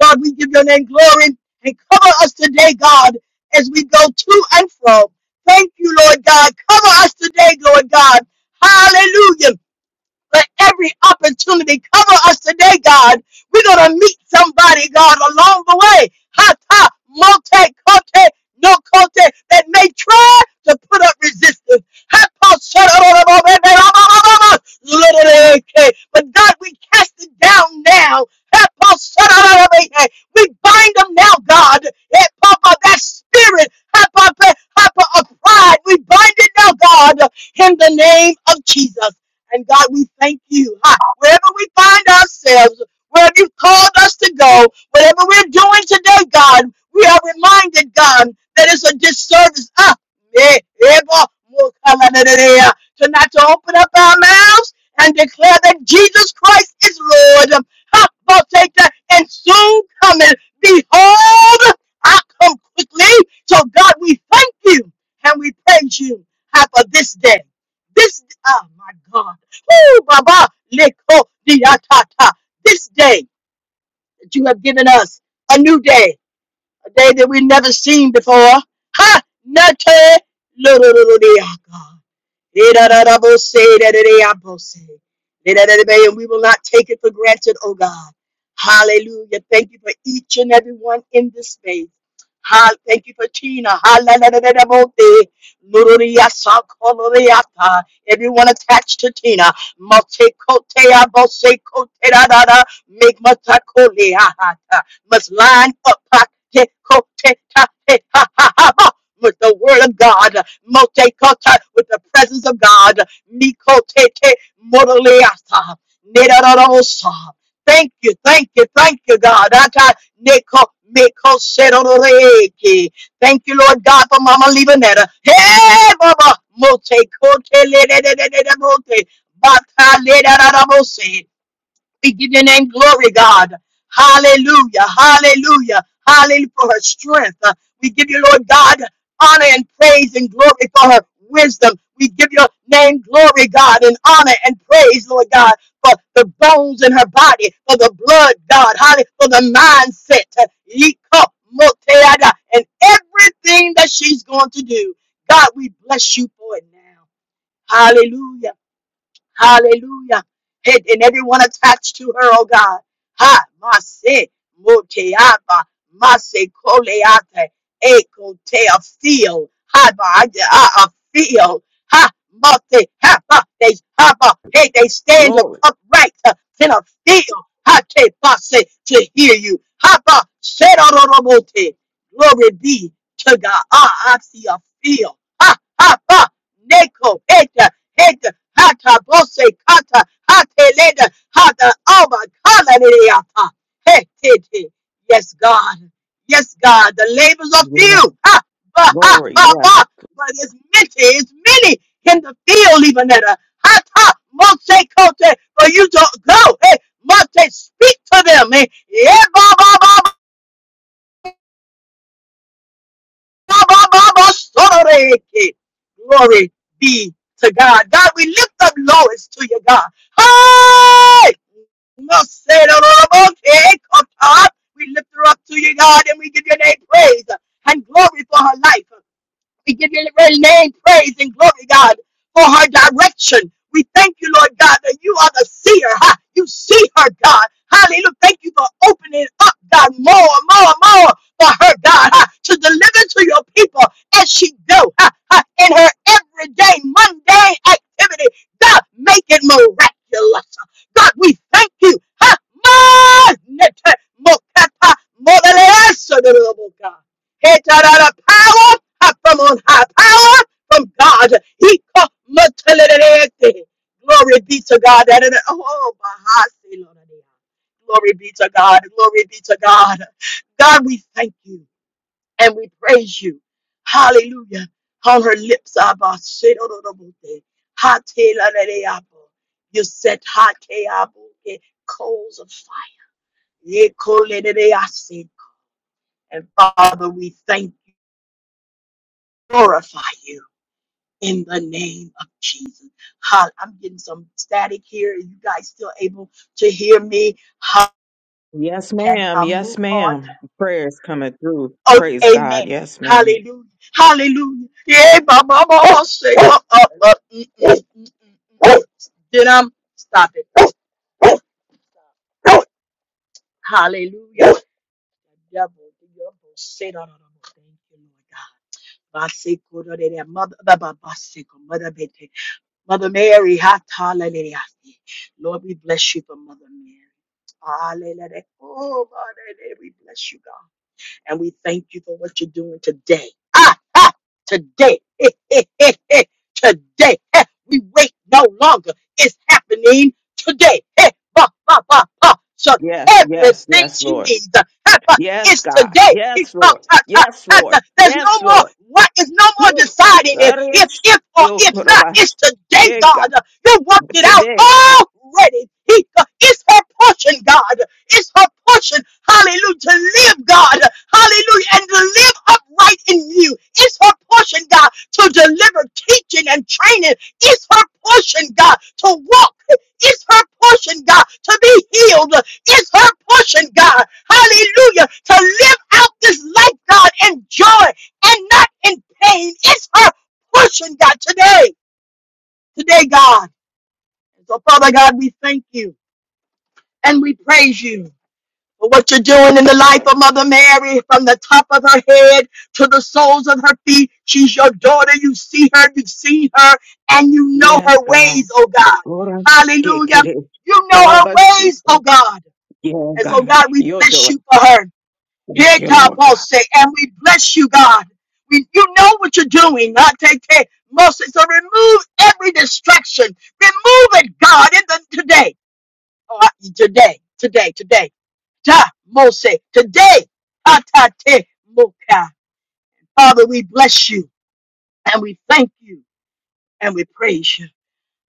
Speaker 4: God, we give your name glory and cover us today, God, as we go to and fro. Thank you, Lord God. Cover us today, Lord God. Hallelujah. But every opportunity, cover us today, God. We're going to meet somebody, God, along the way. Hata, mote, kote, no kote, that may try to put up resistance. Hata, shadadadadababababababa, But God, we cast it down now. Hata, shadadadadababa. We bind them now, God. Eh, Papa, that spirit, Hata, Hata, of pride, we bind it now, God, in the name of Jesus. And God, we thank you. Ha! Wherever we find ourselves, wherever you've called us to go, whatever we're doing today, God, we are reminded, God, that it's a disservice. Ah, eh, eh, bo- mo- kala- da- da- da- da. to not to open up our mouths and declare that Jesus Christ is Lord. Ha! bo- take that and soon coming. Behold, I come quickly. So God, we thank you and we praise you. Ha, for this day. This, oh my God. Baba, leko diatata. This day that you have given us, a new day, a day that we've never seen before. Ha! Nate, Yidadadabose, dadadayabose. Yidadadabe, And we will not take it for granted, oh God. Hallelujah. Thank you for each and every one in this space. Ha- Thank you for Tina. Halalalalalabose. Lururiyasakoloreata. Everyone attached to Tina. Matekoteabose, kotedadada. Make matakoleahata. Must line up. Patekotetahehahahaba with the word of God, Motekota with the presence of God, Mikotete Motoliata, Nedarosa. Thank you, thank you, thank you, God. Ata Neko Meko Seroreke. Thank you, Lord God, for Mama Libanetta. Hey, Mama, Mote Kote Lede Mote. Bata Leda Rabose. We give your name glory, God. Hallelujah. Hallelujah. Hallelujah for her strength. Uh, We give you, Lord God, honor and praise and glory for her wisdom. We give your name glory, God, and honor and praise, Lord God, for the bones in her body, for the blood, God, hallelujah, for the mindset, uh, yika, moteada, and everything that she's going to do. God, we bless you for it now. Hallelujah. Hallelujah. And and everyone attached to her, oh God. Ha, Mase, Moteaba, Mase, Coleate, Ecotea, feel. Ha, ba, I I- I feel. Ha, Mate, Ha, ba, they, Ha, ba, hey, they stand up
Speaker 1: Glory.
Speaker 4: upright uh, in a field. Ha, te, Mase, to hear you. Ha, ba, Serororomote. Glory be to God. Ah, I see a field. Ha, ha, ha. Neko, Eta, Eta, Hata, Bose, Kata, Hate, Leda, Hata, Alba, Kala, Liliata. Hey, hey, hey. Yes, God. Yes, God. The labors are
Speaker 1: Yeah.
Speaker 4: few. Ha, ba, ha,
Speaker 1: Glory.
Speaker 4: ba,
Speaker 1: Yes.
Speaker 4: ba. But it's many, it's many in the field, even at a Hata, Mose, Kote, for you to go. Hey, Mate, speak to them. Hey, yeah, ba, ba, ba, Glory be to God. God, we lift up Lois to you, God. Hi! No say no no, no, okay, come up. We lift her up to you, God, and we give your name praise and glory for her life. We give your very name praise and glory, God, for her direction. We thank you, Lord God, that you are the seer. Ha! You see her, God. Hallelujah. Thank you for opening up, God, more, more, more for her, God, ha! to deliver to your people as she go ha, ha, in her everyday, mundane activity. God, make it miraculous. God, we thank you. Ha! Magnete, mokata, modelesa, God. Hey, ta-da-da, power uh, from on high, power from God. He co- mutalelelete. Glory be to God. That is- Oh, bahasi lorelea. Glory be to God. Glory be to God. God, we thank you and we praise you. Hallelujah. On her lips, Abba, shedororobote. Hateleleleabo. you set hakeaboke, coals of fire. Ekolelelease. And Father, we thank you. glorify you in the name of Jesus. Hall- I'm getting some static here. Are you guys still able to hear me? How
Speaker 1: Yes,
Speaker 4: can
Speaker 1: ma'am.
Speaker 4: I move
Speaker 1: Yes,
Speaker 4: on?
Speaker 1: ma'am. Prayers coming through.
Speaker 4: Oh,
Speaker 1: Praise God.
Speaker 4: amen.
Speaker 1: Yes, ma'am.
Speaker 4: Hallelujah. Hallelujah. Yeah, ba, ba, ba, oh, say, uh, uh, uh, mm, mm, mm, mm, mm. Then I'm stop it. Hallelujah. Devil, devil, say, no, no, no, no. Thank you, Lord God. Ba, da, da, da, Mother, ba, ba, ba, mother, Mother Mary, hallelujah. Lord, we bless you for Mother Mary. Hallelujah. Oh, Mother Mary, we bless you, God. And we thank you for what you're doing today. Ah, ah, today. [LAUGHS] Eh, eh, eh, eh, today. Eh, We wait no longer. It's happening today. [LAUGHS] Eh, ba, ba, ba, ba. So
Speaker 1: Yes, yes,
Speaker 4: everything
Speaker 1: yes,
Speaker 4: she
Speaker 1: Lord.
Speaker 4: needs uh, ha, ba,
Speaker 1: Yes,
Speaker 4: is
Speaker 1: God.
Speaker 4: today. He
Speaker 1: Yes,
Speaker 4: called,
Speaker 1: Lord.
Speaker 4: ah, ah,
Speaker 1: Yes,
Speaker 4: ah,
Speaker 1: Lord.
Speaker 4: ah. There's
Speaker 1: Yes,
Speaker 4: no more
Speaker 1: Lord.
Speaker 4: what is no more
Speaker 1: Woo.
Speaker 4: deciding it. If
Speaker 1: Arish,
Speaker 4: if or
Speaker 1: yo,
Speaker 4: if not,
Speaker 1: koroba,
Speaker 4: it's today,
Speaker 1: eh, God.
Speaker 4: God. You worked it out
Speaker 1: Today.
Speaker 4: already. He, uh, it's her portion, God. It's her portion, hallelujah, to live, God, hallelujah, and to live upright in you. It's her portion, God, to deliver teaching and training. It's her portion, God, to walk. It's her portion, God, to be healed. It's her portion, God, hallelujah, to live out this life, God, in joy and not in pain. It's her portion, God, today, today, God. So, Father God, we thank you and we praise you for what you're doing in the life of Mother Mary, from the top of her head to the soles of her feet. She's your daughter. You see her, you've seen her, and you know
Speaker 1: Yes,
Speaker 4: her
Speaker 1: God.
Speaker 4: ways, oh God.
Speaker 1: Ora,
Speaker 4: Hallelujah.
Speaker 1: kekere,
Speaker 4: You know her
Speaker 1: karabas,
Speaker 4: ways, oh God.
Speaker 1: Yeah,
Speaker 4: And so,
Speaker 1: God.
Speaker 4: God, we
Speaker 1: you Your
Speaker 4: bless
Speaker 1: door.
Speaker 4: you for her.
Speaker 1: Thank
Speaker 4: Here,
Speaker 1: you, Lord God.
Speaker 4: Boss and we bless you, God. We, you know what you're doing. I take care. Moses, so remove every distraction. Remove it, God, in the today. Oh, I- today, today, today. Ta Mose. Today, Atate Moka. Father, we bless you and we thank you and we praise you.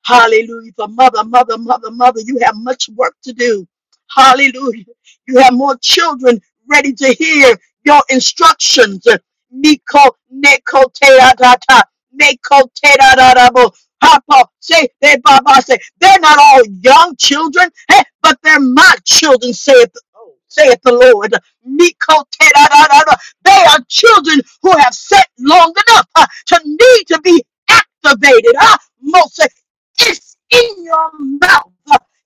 Speaker 4: Hallelujah. For mother, mother, mother, mother, you have much work to do. Hallelujah. You have more children ready to hear your instructions. Miko, neko, te, da, da, da. Meko, te, da, da, da, bo. Papa, say, they, Baba, say, they're not all young children, eh, but they're my children, saith, oh, saith the Lord. Miko, te, da, da, da, da. They are children who have sat long enough uh, to need to be activated. Ah, Moses, it's in your mouth.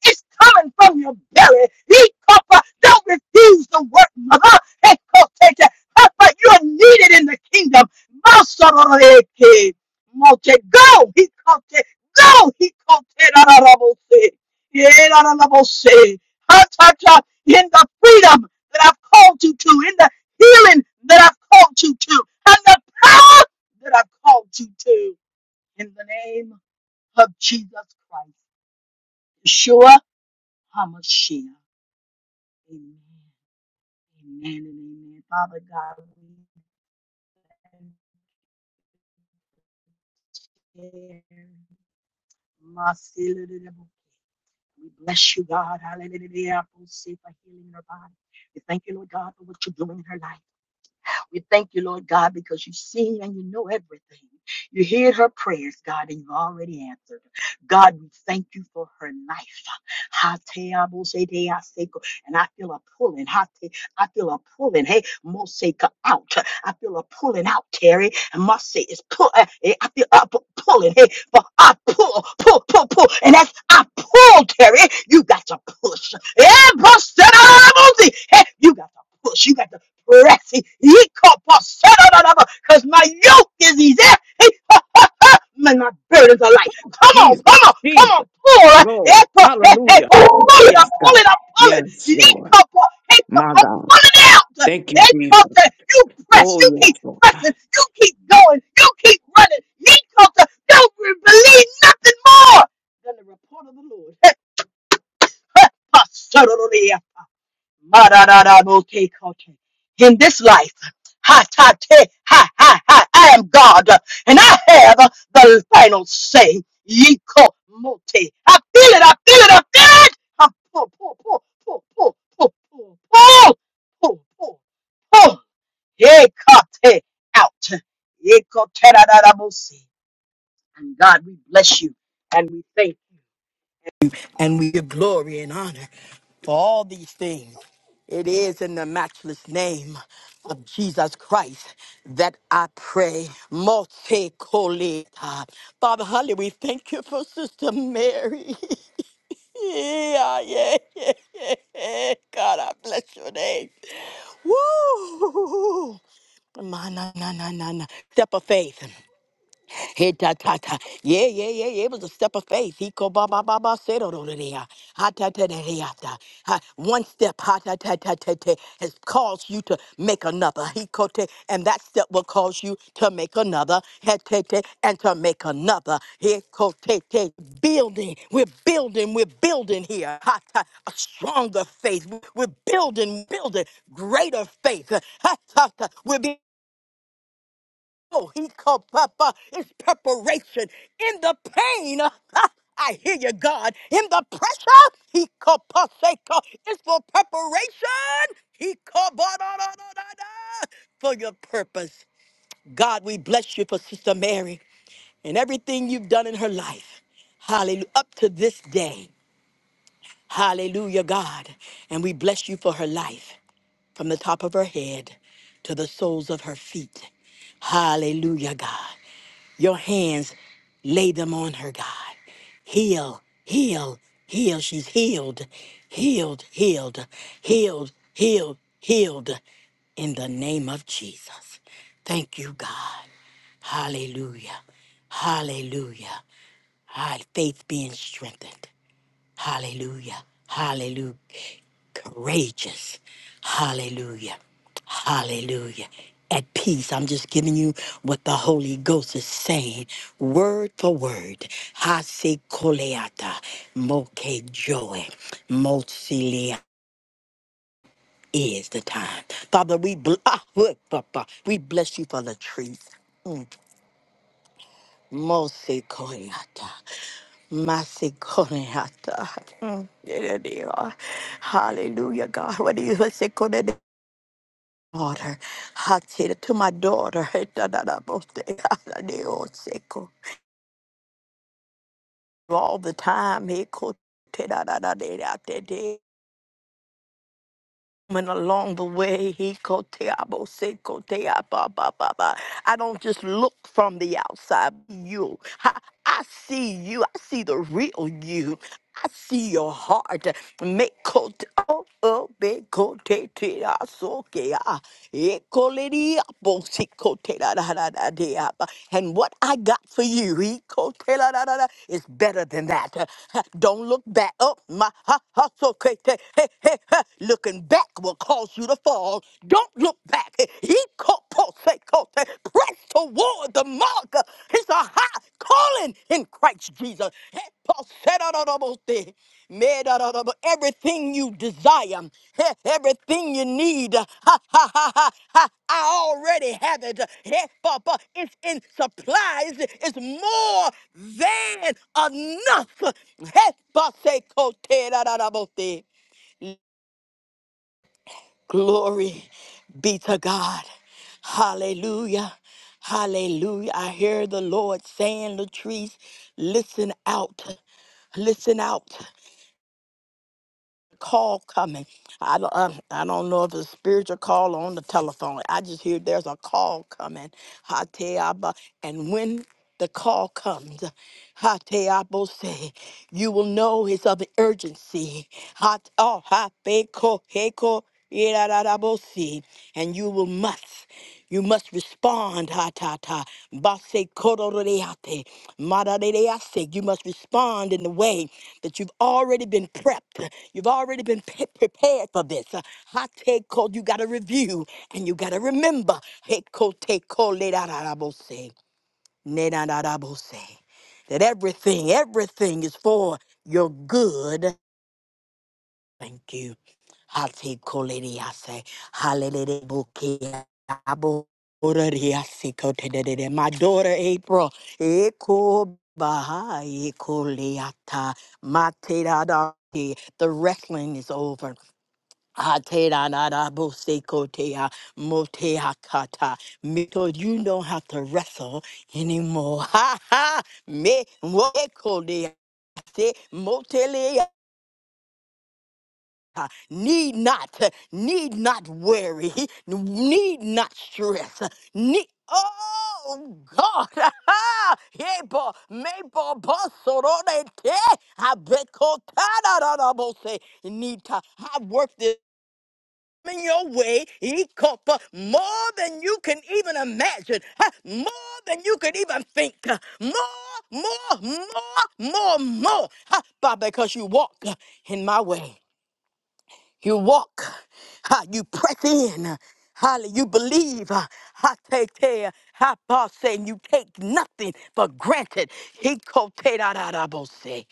Speaker 4: It's coming from your belly. He copper. Don't refuse the work. Mother. Hey, cook, take it. Papa, You are needed in the kingdom. Masororeke. Mote, Go. He called it. Go. He caught it. Ararabose. Yerarabose. Ha, ta, ta. In the freedom that I've called you to, in the healing that I've called you to, and the power that I've called you to in the name of Jesus Christ, Yeshua HaMashiach. Amen. Amen and amen. Father God, we thank you. Masilididabo. We bless you, God. Hallelujah. We say for healing in her body. We thank you, Lord God, for what you're doing in her life. We thank you, Lord God, because you see and you know everything. You hear her prayers, God, and you've already answered. God, we thank you for her life. Hateabosedeaseko. And I feel a pulling. Hate- I feel a pulling. Hey, Moseka out. I feel a pulling out, Terry. And Mose is pull. uh, eh, I feel a pu- pulling. Hey, but I pull, pull, pull, pull. And as I pull, Terry, you got to push. Eh, Mose, Hey, you got to push. You got to breath. Because my yoke is easy and my burdens are light. Come on, come on,
Speaker 1: Jesus.
Speaker 4: come
Speaker 1: Jesus.
Speaker 4: on, pull. it! eh, Hey,
Speaker 1: Lord.
Speaker 4: pull, it! eh,
Speaker 1: Hallelujah.
Speaker 4: pull pull it, I'm
Speaker 1: Yes, God.
Speaker 4: pulling, I'm pulling.
Speaker 1: Yes, Lord.
Speaker 4: Yeehaw, pull, hey, pull,
Speaker 1: My
Speaker 4: I'm
Speaker 1: God.
Speaker 4: pulling it out.
Speaker 1: Thank you,
Speaker 4: Hey,
Speaker 1: Jesus.
Speaker 4: you press,
Speaker 1: Oh,
Speaker 4: you
Speaker 1: yes,
Speaker 4: keep
Speaker 1: Lord.
Speaker 4: pressing, you keep going, you keep running. Yeehaw, don't believe nothing more than the report of the Lord. Mararararoke kote. In this life, ha ta te, ha ha ha, I am God, and I have the final say. Yiko mote. I feel it, I feel it, I feel it. I'm pull, pull, pull, pull, pull, pull, pull, pull, pull, pull, pull. Yekote out. Yekoterararabosi. And God, we bless you and we thank you. And we give glory and honor for all these things. It is in the matchless name of Jesus Christ that I pray. Multicolita. Father Holly, we thank you for Sister Mary. [LAUGHS] yeah, yeah, yeah, yeah. yeah. God, I bless your name. Woo! My, na, na, na, na, na. Step of faith. He ta ta ta. Yeah, yeah, yeah, yeah. It was a step of faith. He ko ba ba ba ba se do do do de Ha ta ta da de ta. Ha, One step ha ta ta ta ta ta has caused you to make another. He ko te, and that step will cause you to make another. He te te, and to make another. He ko te te. Building. We're building. We're building here. Ha ta. A stronger faith. We're building. Building greater faith. Ha ta ta. We're Oh, he called Papa. It's preparation in the pain. [LAUGHS] I hear you, God. In the pressure, he called Paseka. It's for preparation. He called ba- da- da- da- da- da, for your purpose. God, we bless you for Sister Mary and everything you've done in her life. Hallelujah. Up to this day. Hallelujah, God. And we bless you for her life from the top of her head to the soles of her feet. Hallelujah, God. Your hands, lay them on her, God. Heal, heal, heal. She's healed, healed, healed, healed, healed, healed in the name of Jesus. Thank you, God. Hallelujah. Hallelujah. Our faith being strengthened. Hallelujah. Hallelujah. Courageous. Hallelujah. Hallelujah. At peace. I'm just giving you what the Holy Ghost is saying, word for word. Hase koleata, moke joy, mosilea is the time. Father, we, bl- ah, [LAUGHS] look, Papa, we bless you for the truth. Mm. Mose Koyata. Masikoneata. Mm, yeah, dear. Hallelujah, God. What do you say, Koneata? daughter? Hatita to my daughter. Hetadadabote. Haladeo seko. All the time, he could. And along the way, he koteabo se kotea ba ba ba ba. I don't just look from the outside. You, I, I see you. I see the real you. I see your heart. Make kote oh oh be kote te asoke Ekoledi aposikotela Da da da Ekolerioposikoterararadeaba. And what I got for you ekotela da da da, is better than that. [LAUGHS] Uh, Don't look back. Oh, my ha, ha, so kete, he, he, he. Looking back will cause you to fall. Don't look back. Ikoposekote. Press toward the mark. It's a high calling in Christ Jesus. Eposerarorobote. Made everything you desire, eh, everything you need. Ha ha ha ha ha. I already have it. Eh, but, but It's in supplies. It's more than enough. Eh, but say, "Kote da da da bo te." Glory be to God. Hallelujah. Hallelujah. I hear the Lord saying, Latrice, listen out. Listen out. call coming. I don't, uh, I don't know if it's a spiritual call or on the telephone. I just hear there's a call coming. Hateaba. And when the call comes, Hateabo say, you will know it's of urgency. Hat oh habeko heko irararabosi. And you will must. You must respond, ha ta ta. Base kororeate. Madarease. You must respond in the way that you've already been prepped. You've already been pe- prepared for this. Uh, Hot take code, you got to review and you got to remember. Hot take code, le da da da bo se, ne da da da bo se. That everything, everything is for your good. Thank you. Hot take code, lady, I say. Hallelujah. bo ke, da bo ora ri a se ko te de de de. My daughter April, Eko Baha, Eko Leata, Mate da da. The wrestling is over. Atera nara bo seko tea, motea kata. because you don't have to wrestle anymore. [LAUGHS] Ha ha! Me weko dea. Se motelea. Need not, need not worry, need not stress, need. Oh God! [LAUGHS] Hey, bo, me bo, bo, sororete. I bet kotada da da bo se. Need to. I worked it in your way, Ikopa, more than you can even imagine, huh, more than you can even think, uh, more, more, more, more, more, huh, but because you walk uh, in my way. You walk, ha, you press in, holly, you believe, ha, ha, take care, ha, boss, and you take nothing for granted. He cote da da da bo say.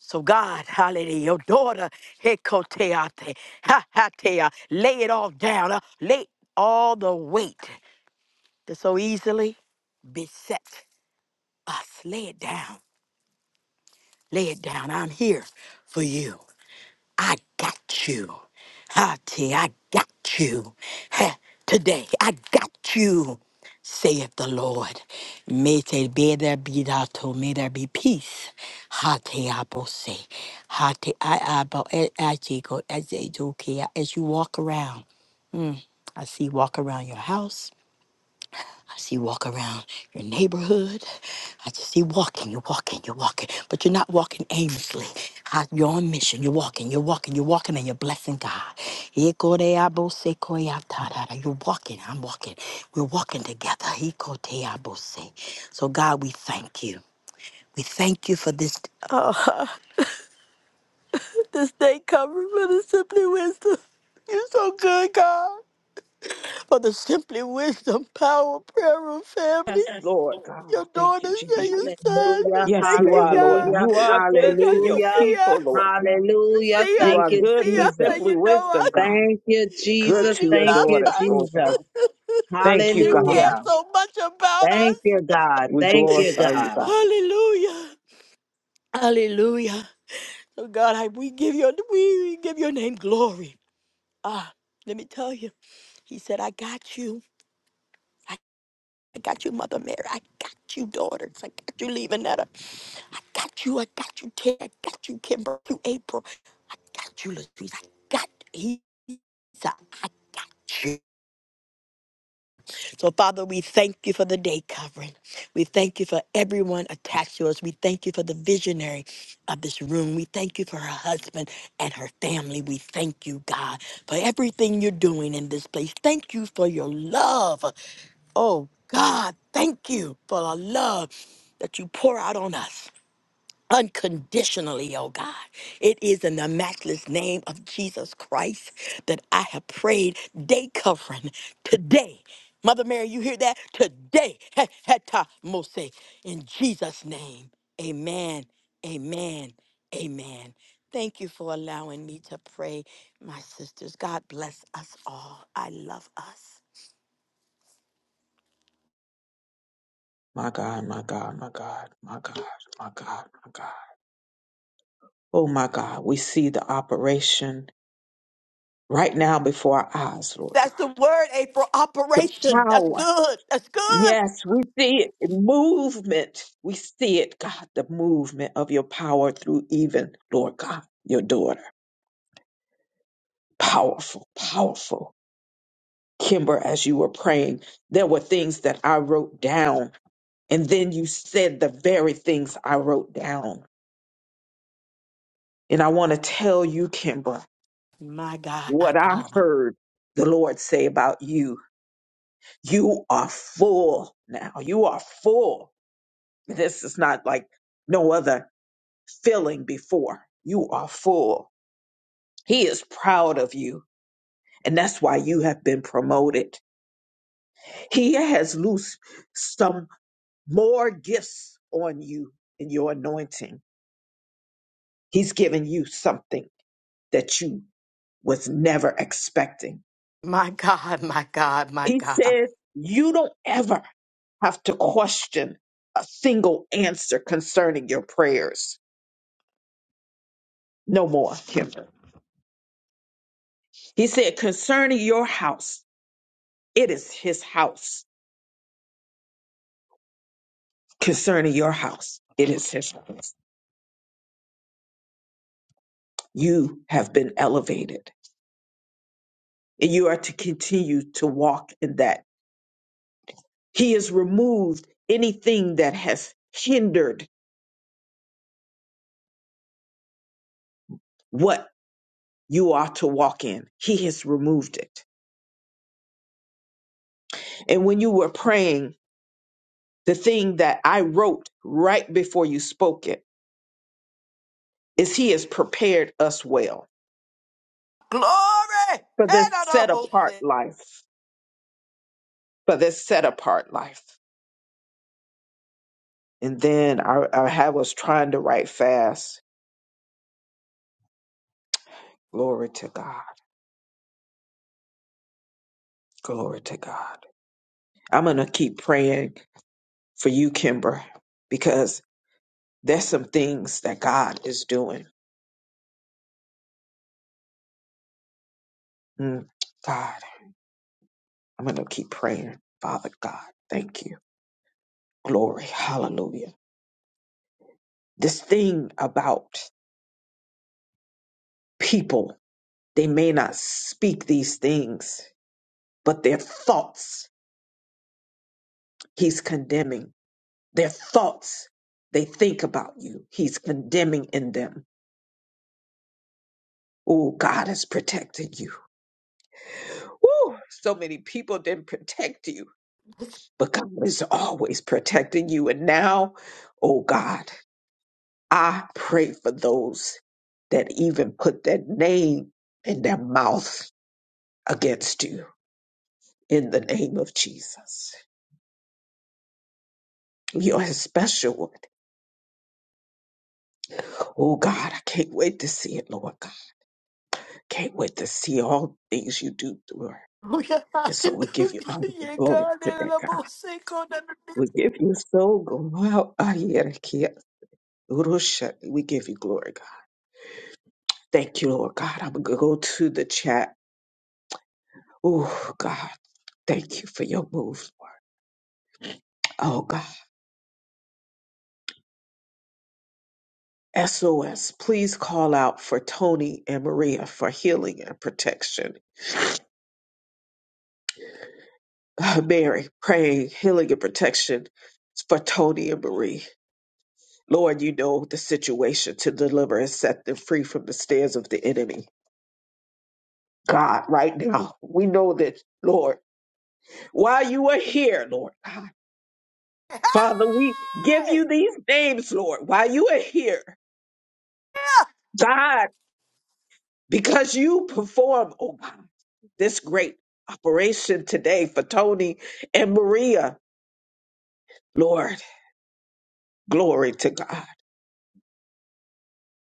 Speaker 4: So God, hallelujah, your daughter, he cote ate, ha ha te, uh, lay it all down, uh, lay all the weight that so easily besets us. Lay it down, lay it down. I'm here for you. I got you. Hati, I got you. Ha, Today, I got you, saith the Lord. May there be, there be, that, to- may there be peace. Hati, abose. Hati, I, abo, e- aji, go, aji, do, ki, As you walk around, mm, I see you walk around your house. I see you walk around your neighborhood. I just see you walking, you're walking, you're walking, but you're not walking aimlessly. Ah, You're on mission. You're walking, you're walking, you're walking, and you're blessing God. Ikoreabosekoyatarara. You're walking, I'm walking. We're walking together. Ikoteabose. So, God, we thank you. We thank you for this, uh, [LAUGHS] this day covering for the Simply Wisdom. You're so good, God for the Simply Wisdom Power Prayer Room family.
Speaker 1: Yes, Lord God.
Speaker 4: Your
Speaker 1: Thank you,
Speaker 4: daughters and
Speaker 1: Jesus.
Speaker 4: your sons, we
Speaker 3: Hallelujah,
Speaker 1: Yes,
Speaker 4: thank
Speaker 1: you
Speaker 4: you,
Speaker 1: are, Lord.
Speaker 4: God,
Speaker 3: hallelujah,
Speaker 1: You are good
Speaker 4: because
Speaker 1: to
Speaker 4: you
Speaker 1: your
Speaker 3: hallelujah,
Speaker 4: see
Speaker 1: people,
Speaker 4: us,
Speaker 1: Lord. God.
Speaker 4: you
Speaker 3: hallelujah.
Speaker 4: see
Speaker 1: You
Speaker 4: us,
Speaker 3: Thank
Speaker 1: are
Speaker 4: you
Speaker 3: you,
Speaker 1: good
Speaker 4: see
Speaker 1: to
Speaker 4: us,
Speaker 3: Jesus.
Speaker 4: and
Speaker 1: simply
Speaker 4: you know
Speaker 1: wisdom, God.
Speaker 3: Thank you,
Speaker 1: Good
Speaker 4: us,
Speaker 3: Jesus.
Speaker 1: to
Speaker 4: you
Speaker 1: your
Speaker 3: Thank
Speaker 4: love
Speaker 3: you,
Speaker 1: daughters, Lord
Speaker 3: Jesus.
Speaker 1: God.
Speaker 4: us,
Speaker 1: Thank
Speaker 4: [LAUGHS]
Speaker 1: you,
Speaker 4: you care
Speaker 1: God.
Speaker 3: Hallelujah.
Speaker 4: so much about
Speaker 3: Thank
Speaker 4: us.
Speaker 3: you, God.
Speaker 1: We
Speaker 3: Thank you,
Speaker 1: glorify you,
Speaker 3: God.
Speaker 1: God.
Speaker 4: Hallelujah, Hallelujah. So God, I, we give your we give your name glory. Ah, let me tell you, He said, "I got you." I got you, Mother Mary. I got you, daughters. I got you, Levanetta. I got you. I got you, Ted. I got you, Kimber. You, April. I got you, Latrice. I got you. I got you. So, Father, we thank you for the day covering. We thank you for everyone attached to us. We thank you for the visionary of this room. We thank you for her husband and her family. We thank you, God, for everything you're doing in this place. Thank you for your love. Oh, God, thank you for the love that you pour out on us unconditionally, oh God. It is in the matchless name of Jesus Christ that I have prayed day covering today. Mother Mary, you hear that? Today. He- heta mose. In Jesus' name. Amen. Amen. Amen. Thank you for allowing me to pray, my sisters. God bless us all. I love us.
Speaker 1: My God, my God, my God, my God, my God, my God. Oh, my God. We see the operation right now before our eyes, Lord
Speaker 4: That's
Speaker 1: God.
Speaker 4: the word, April.
Speaker 1: The
Speaker 4: Operation. That's
Speaker 1: power.
Speaker 4: good. That's good.
Speaker 1: Yes, we see it. Movement. We see it, God, the movement of your power through even, Lord God, your daughter. Powerful, powerful. Kimber, as you were praying, there were things that I wrote down, and then you said the very things I wrote down. And I want to tell you, Kimber,
Speaker 4: My God,
Speaker 1: what
Speaker 4: my
Speaker 1: I
Speaker 4: God.
Speaker 1: heard the Lord say about you. You are full now. You are full. This is not like no other filling before. You are full. He is proud of you. And that's why you have been promoted. He has loosed some more gifts on you in your anointing. He's given you something that you was never expecting.
Speaker 4: My God, my God, my
Speaker 1: He
Speaker 4: God.
Speaker 1: said, you don't ever have to question a single answer concerning your prayers. No more, Kimber. He said, concerning your house, it is his house concerning your house. It is his house. You have been elevated and you are to continue to walk in that. He has removed anything that has hindered what you are to walk in. He has removed it. And when you were praying, the thing that I wrote right before you spoke it is he has prepared us well
Speaker 4: Glory!
Speaker 1: for this
Speaker 4: Head on a
Speaker 1: set
Speaker 4: bull
Speaker 1: apart
Speaker 4: sick.
Speaker 1: life, for this set apart life. And then I, I had- was trying to write fast. Glory to God Glory to God. I'm going to keep praying for you, Kimber, because there's some things that God is doing. Mm, God, I'm going to keep praying. Father God, thank you. Glory. Hallelujah. This thing about people, they may not speak these things, but their thoughts, He's condemning. Their thoughts, they think about you. He's condemning in them. Oh, God has protected you. Woo, so many people didn't protect you, but God is always protecting you. And now, oh God, I pray for those that even put that name in their mouth against you in the name of Jesus. You're a special one. Oh God, I can't wait to see it, Lord God. Can't wait to see all things you do through her.
Speaker 4: Hallelujah,
Speaker 1: And so we give
Speaker 4: hallelujah.
Speaker 1: you honor
Speaker 4: [LAUGHS]
Speaker 1: and
Speaker 4: Yeah,
Speaker 1: glory
Speaker 4: God, head on
Speaker 1: today,
Speaker 4: a
Speaker 1: God.
Speaker 4: bull sick, on the deep.
Speaker 1: We give you so glory. We give you glory, God. Thank you, Lord God. I'm going to go to the chat. Oh, God, thank you for your move, Lord. Oh, God. SOS, please call out for Tony and Maria for healing and protection. Uh, Mary, praying healing and protection for Tony and Marie. Lord, you know the situation to deliver and set them free from the snares of the enemy. God, right now, we know that, Lord, while you are here, Lord God, Father, we give you
Speaker 4: Hey!
Speaker 1: these names, Lord, while you are here.
Speaker 4: Yeah.
Speaker 1: God, because you perform, oh God, this great operation today for Tony and Maria. Lord, glory to God.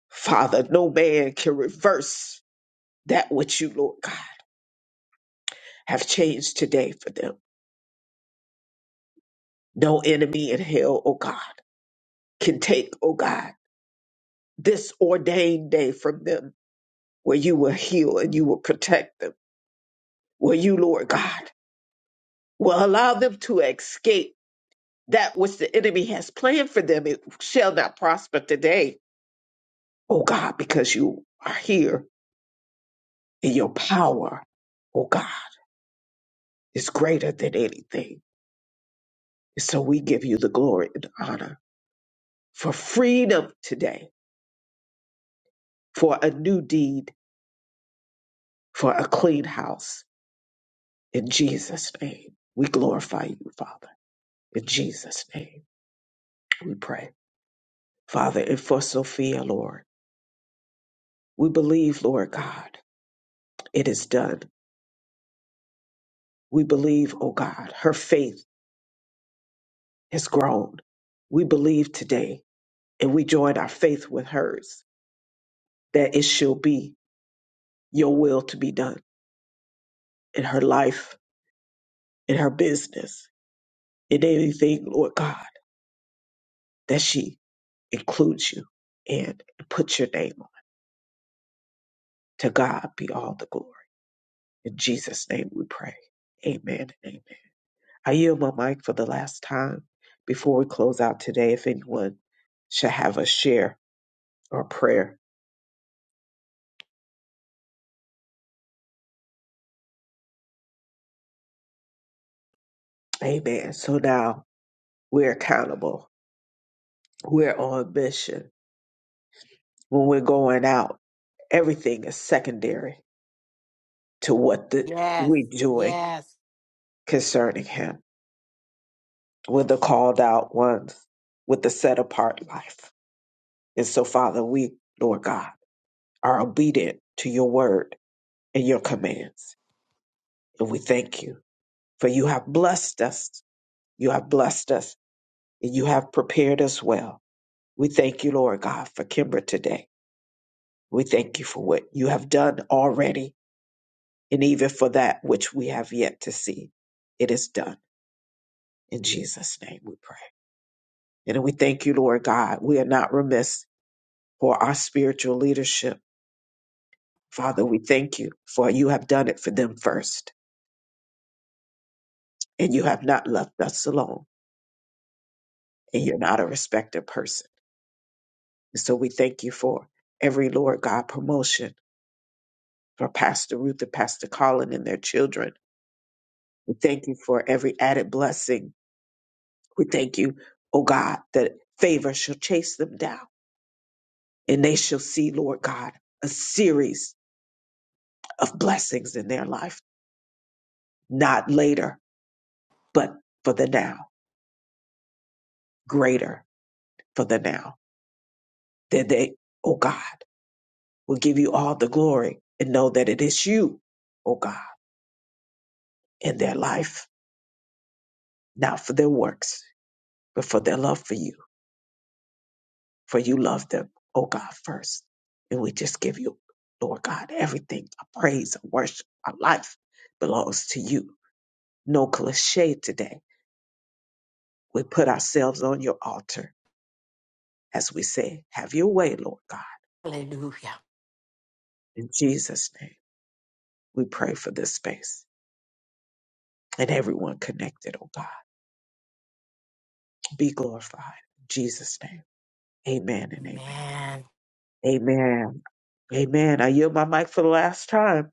Speaker 1: Father, no man can reverse that which you, Lord God, have changed today for them. No enemy in hell, oh God, can take, oh God, this ordained day from them where you will heal and you will protect them, where you, Lord God, will allow them to escape that which the enemy has planned for them it shall not prosper today oh god because you are here and your power oh god is greater than anything and so we give you the glory and honor for freedom today for a new deed for a clean house in jesus name we glorify you father in jesus name we pray father and for sophia lord we believe lord god it is done we believe oh god her faith has grown. We believe today and we join our faith with hers that it shall be your will to be done in her life, in her business, in anything, Lord God, that she includes you in and put your name on. To God be all the glory. In Jesus' name we pray. Amen and amen. I yield my mic for the last time before we close out today. If anyone should have a share or prayer. Amen. So now we're accountable We're on mission. When we're going out, everything is secondary to what the,
Speaker 4: Yes,
Speaker 1: we're doing
Speaker 4: yes.
Speaker 1: concerning Him. We're the called out ones with the set apart life. And so, Father, we, Lord God, are obedient to your word and your commands. And we thank you for you have blessed us. You have blessed us and you have prepared us well. We thank you, Lord God, for Kimber today. We thank you for what you have done already and even for that which we have yet to see. It is done. In Jesus' name we pray. And we thank you, Lord God. We are not remiss for our spiritual leadership. Father, we thank you for you have done it for them first, and you have not left us alone, and you're not a respected person. And so we thank you for every Lord God promotion for Pastor Ruth and Pastor Colin and their children. We thank you for every added blessing. We thank you, oh God, that favor shall chase them down and they shall see, Lord God, a series of blessings in their life, not later, but for the now, greater for the now. That they, oh God, will give you all the glory and know that it is you, oh God, in their life, not for their works, but for their love for you. For you love them, oh God, first. And we just give you, Lord God, everything, our praise, our worship, our life belongs to you. No cliche today. We put ourselves on your altar as we say, have your way, Lord God.
Speaker 4: Hallelujah.
Speaker 1: In Jesus' name, we pray for this space and everyone connected, oh God. Be glorified. In Jesus' name, amen and amen.
Speaker 4: Man.
Speaker 1: Amen. Amen. I yield my mic for the last time,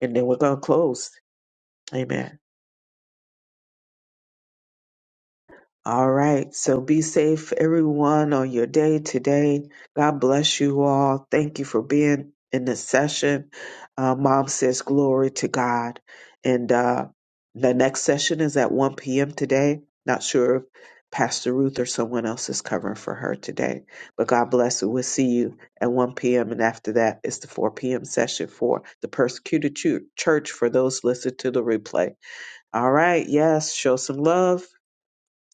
Speaker 1: and then we're going to close. Amen. All right. So be safe, everyone, on your day today. God bless you all. Thank you for being in the session. Uh, Mom says glory to God. And uh, the next session is at 1 p.m. today. Not sure if Pastor Ruth or someone else is covering for her today. But God bless you. We'll see you at 1 p.m. And after that, it's the 4 p.m. session for the persecuted chu- church for those listening to the replay. All right. Yes. Show some love.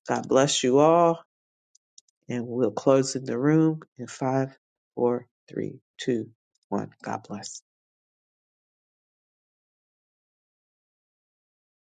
Speaker 1: God bless you all, and we'll close in the room in five, four, three, two, one. God bless.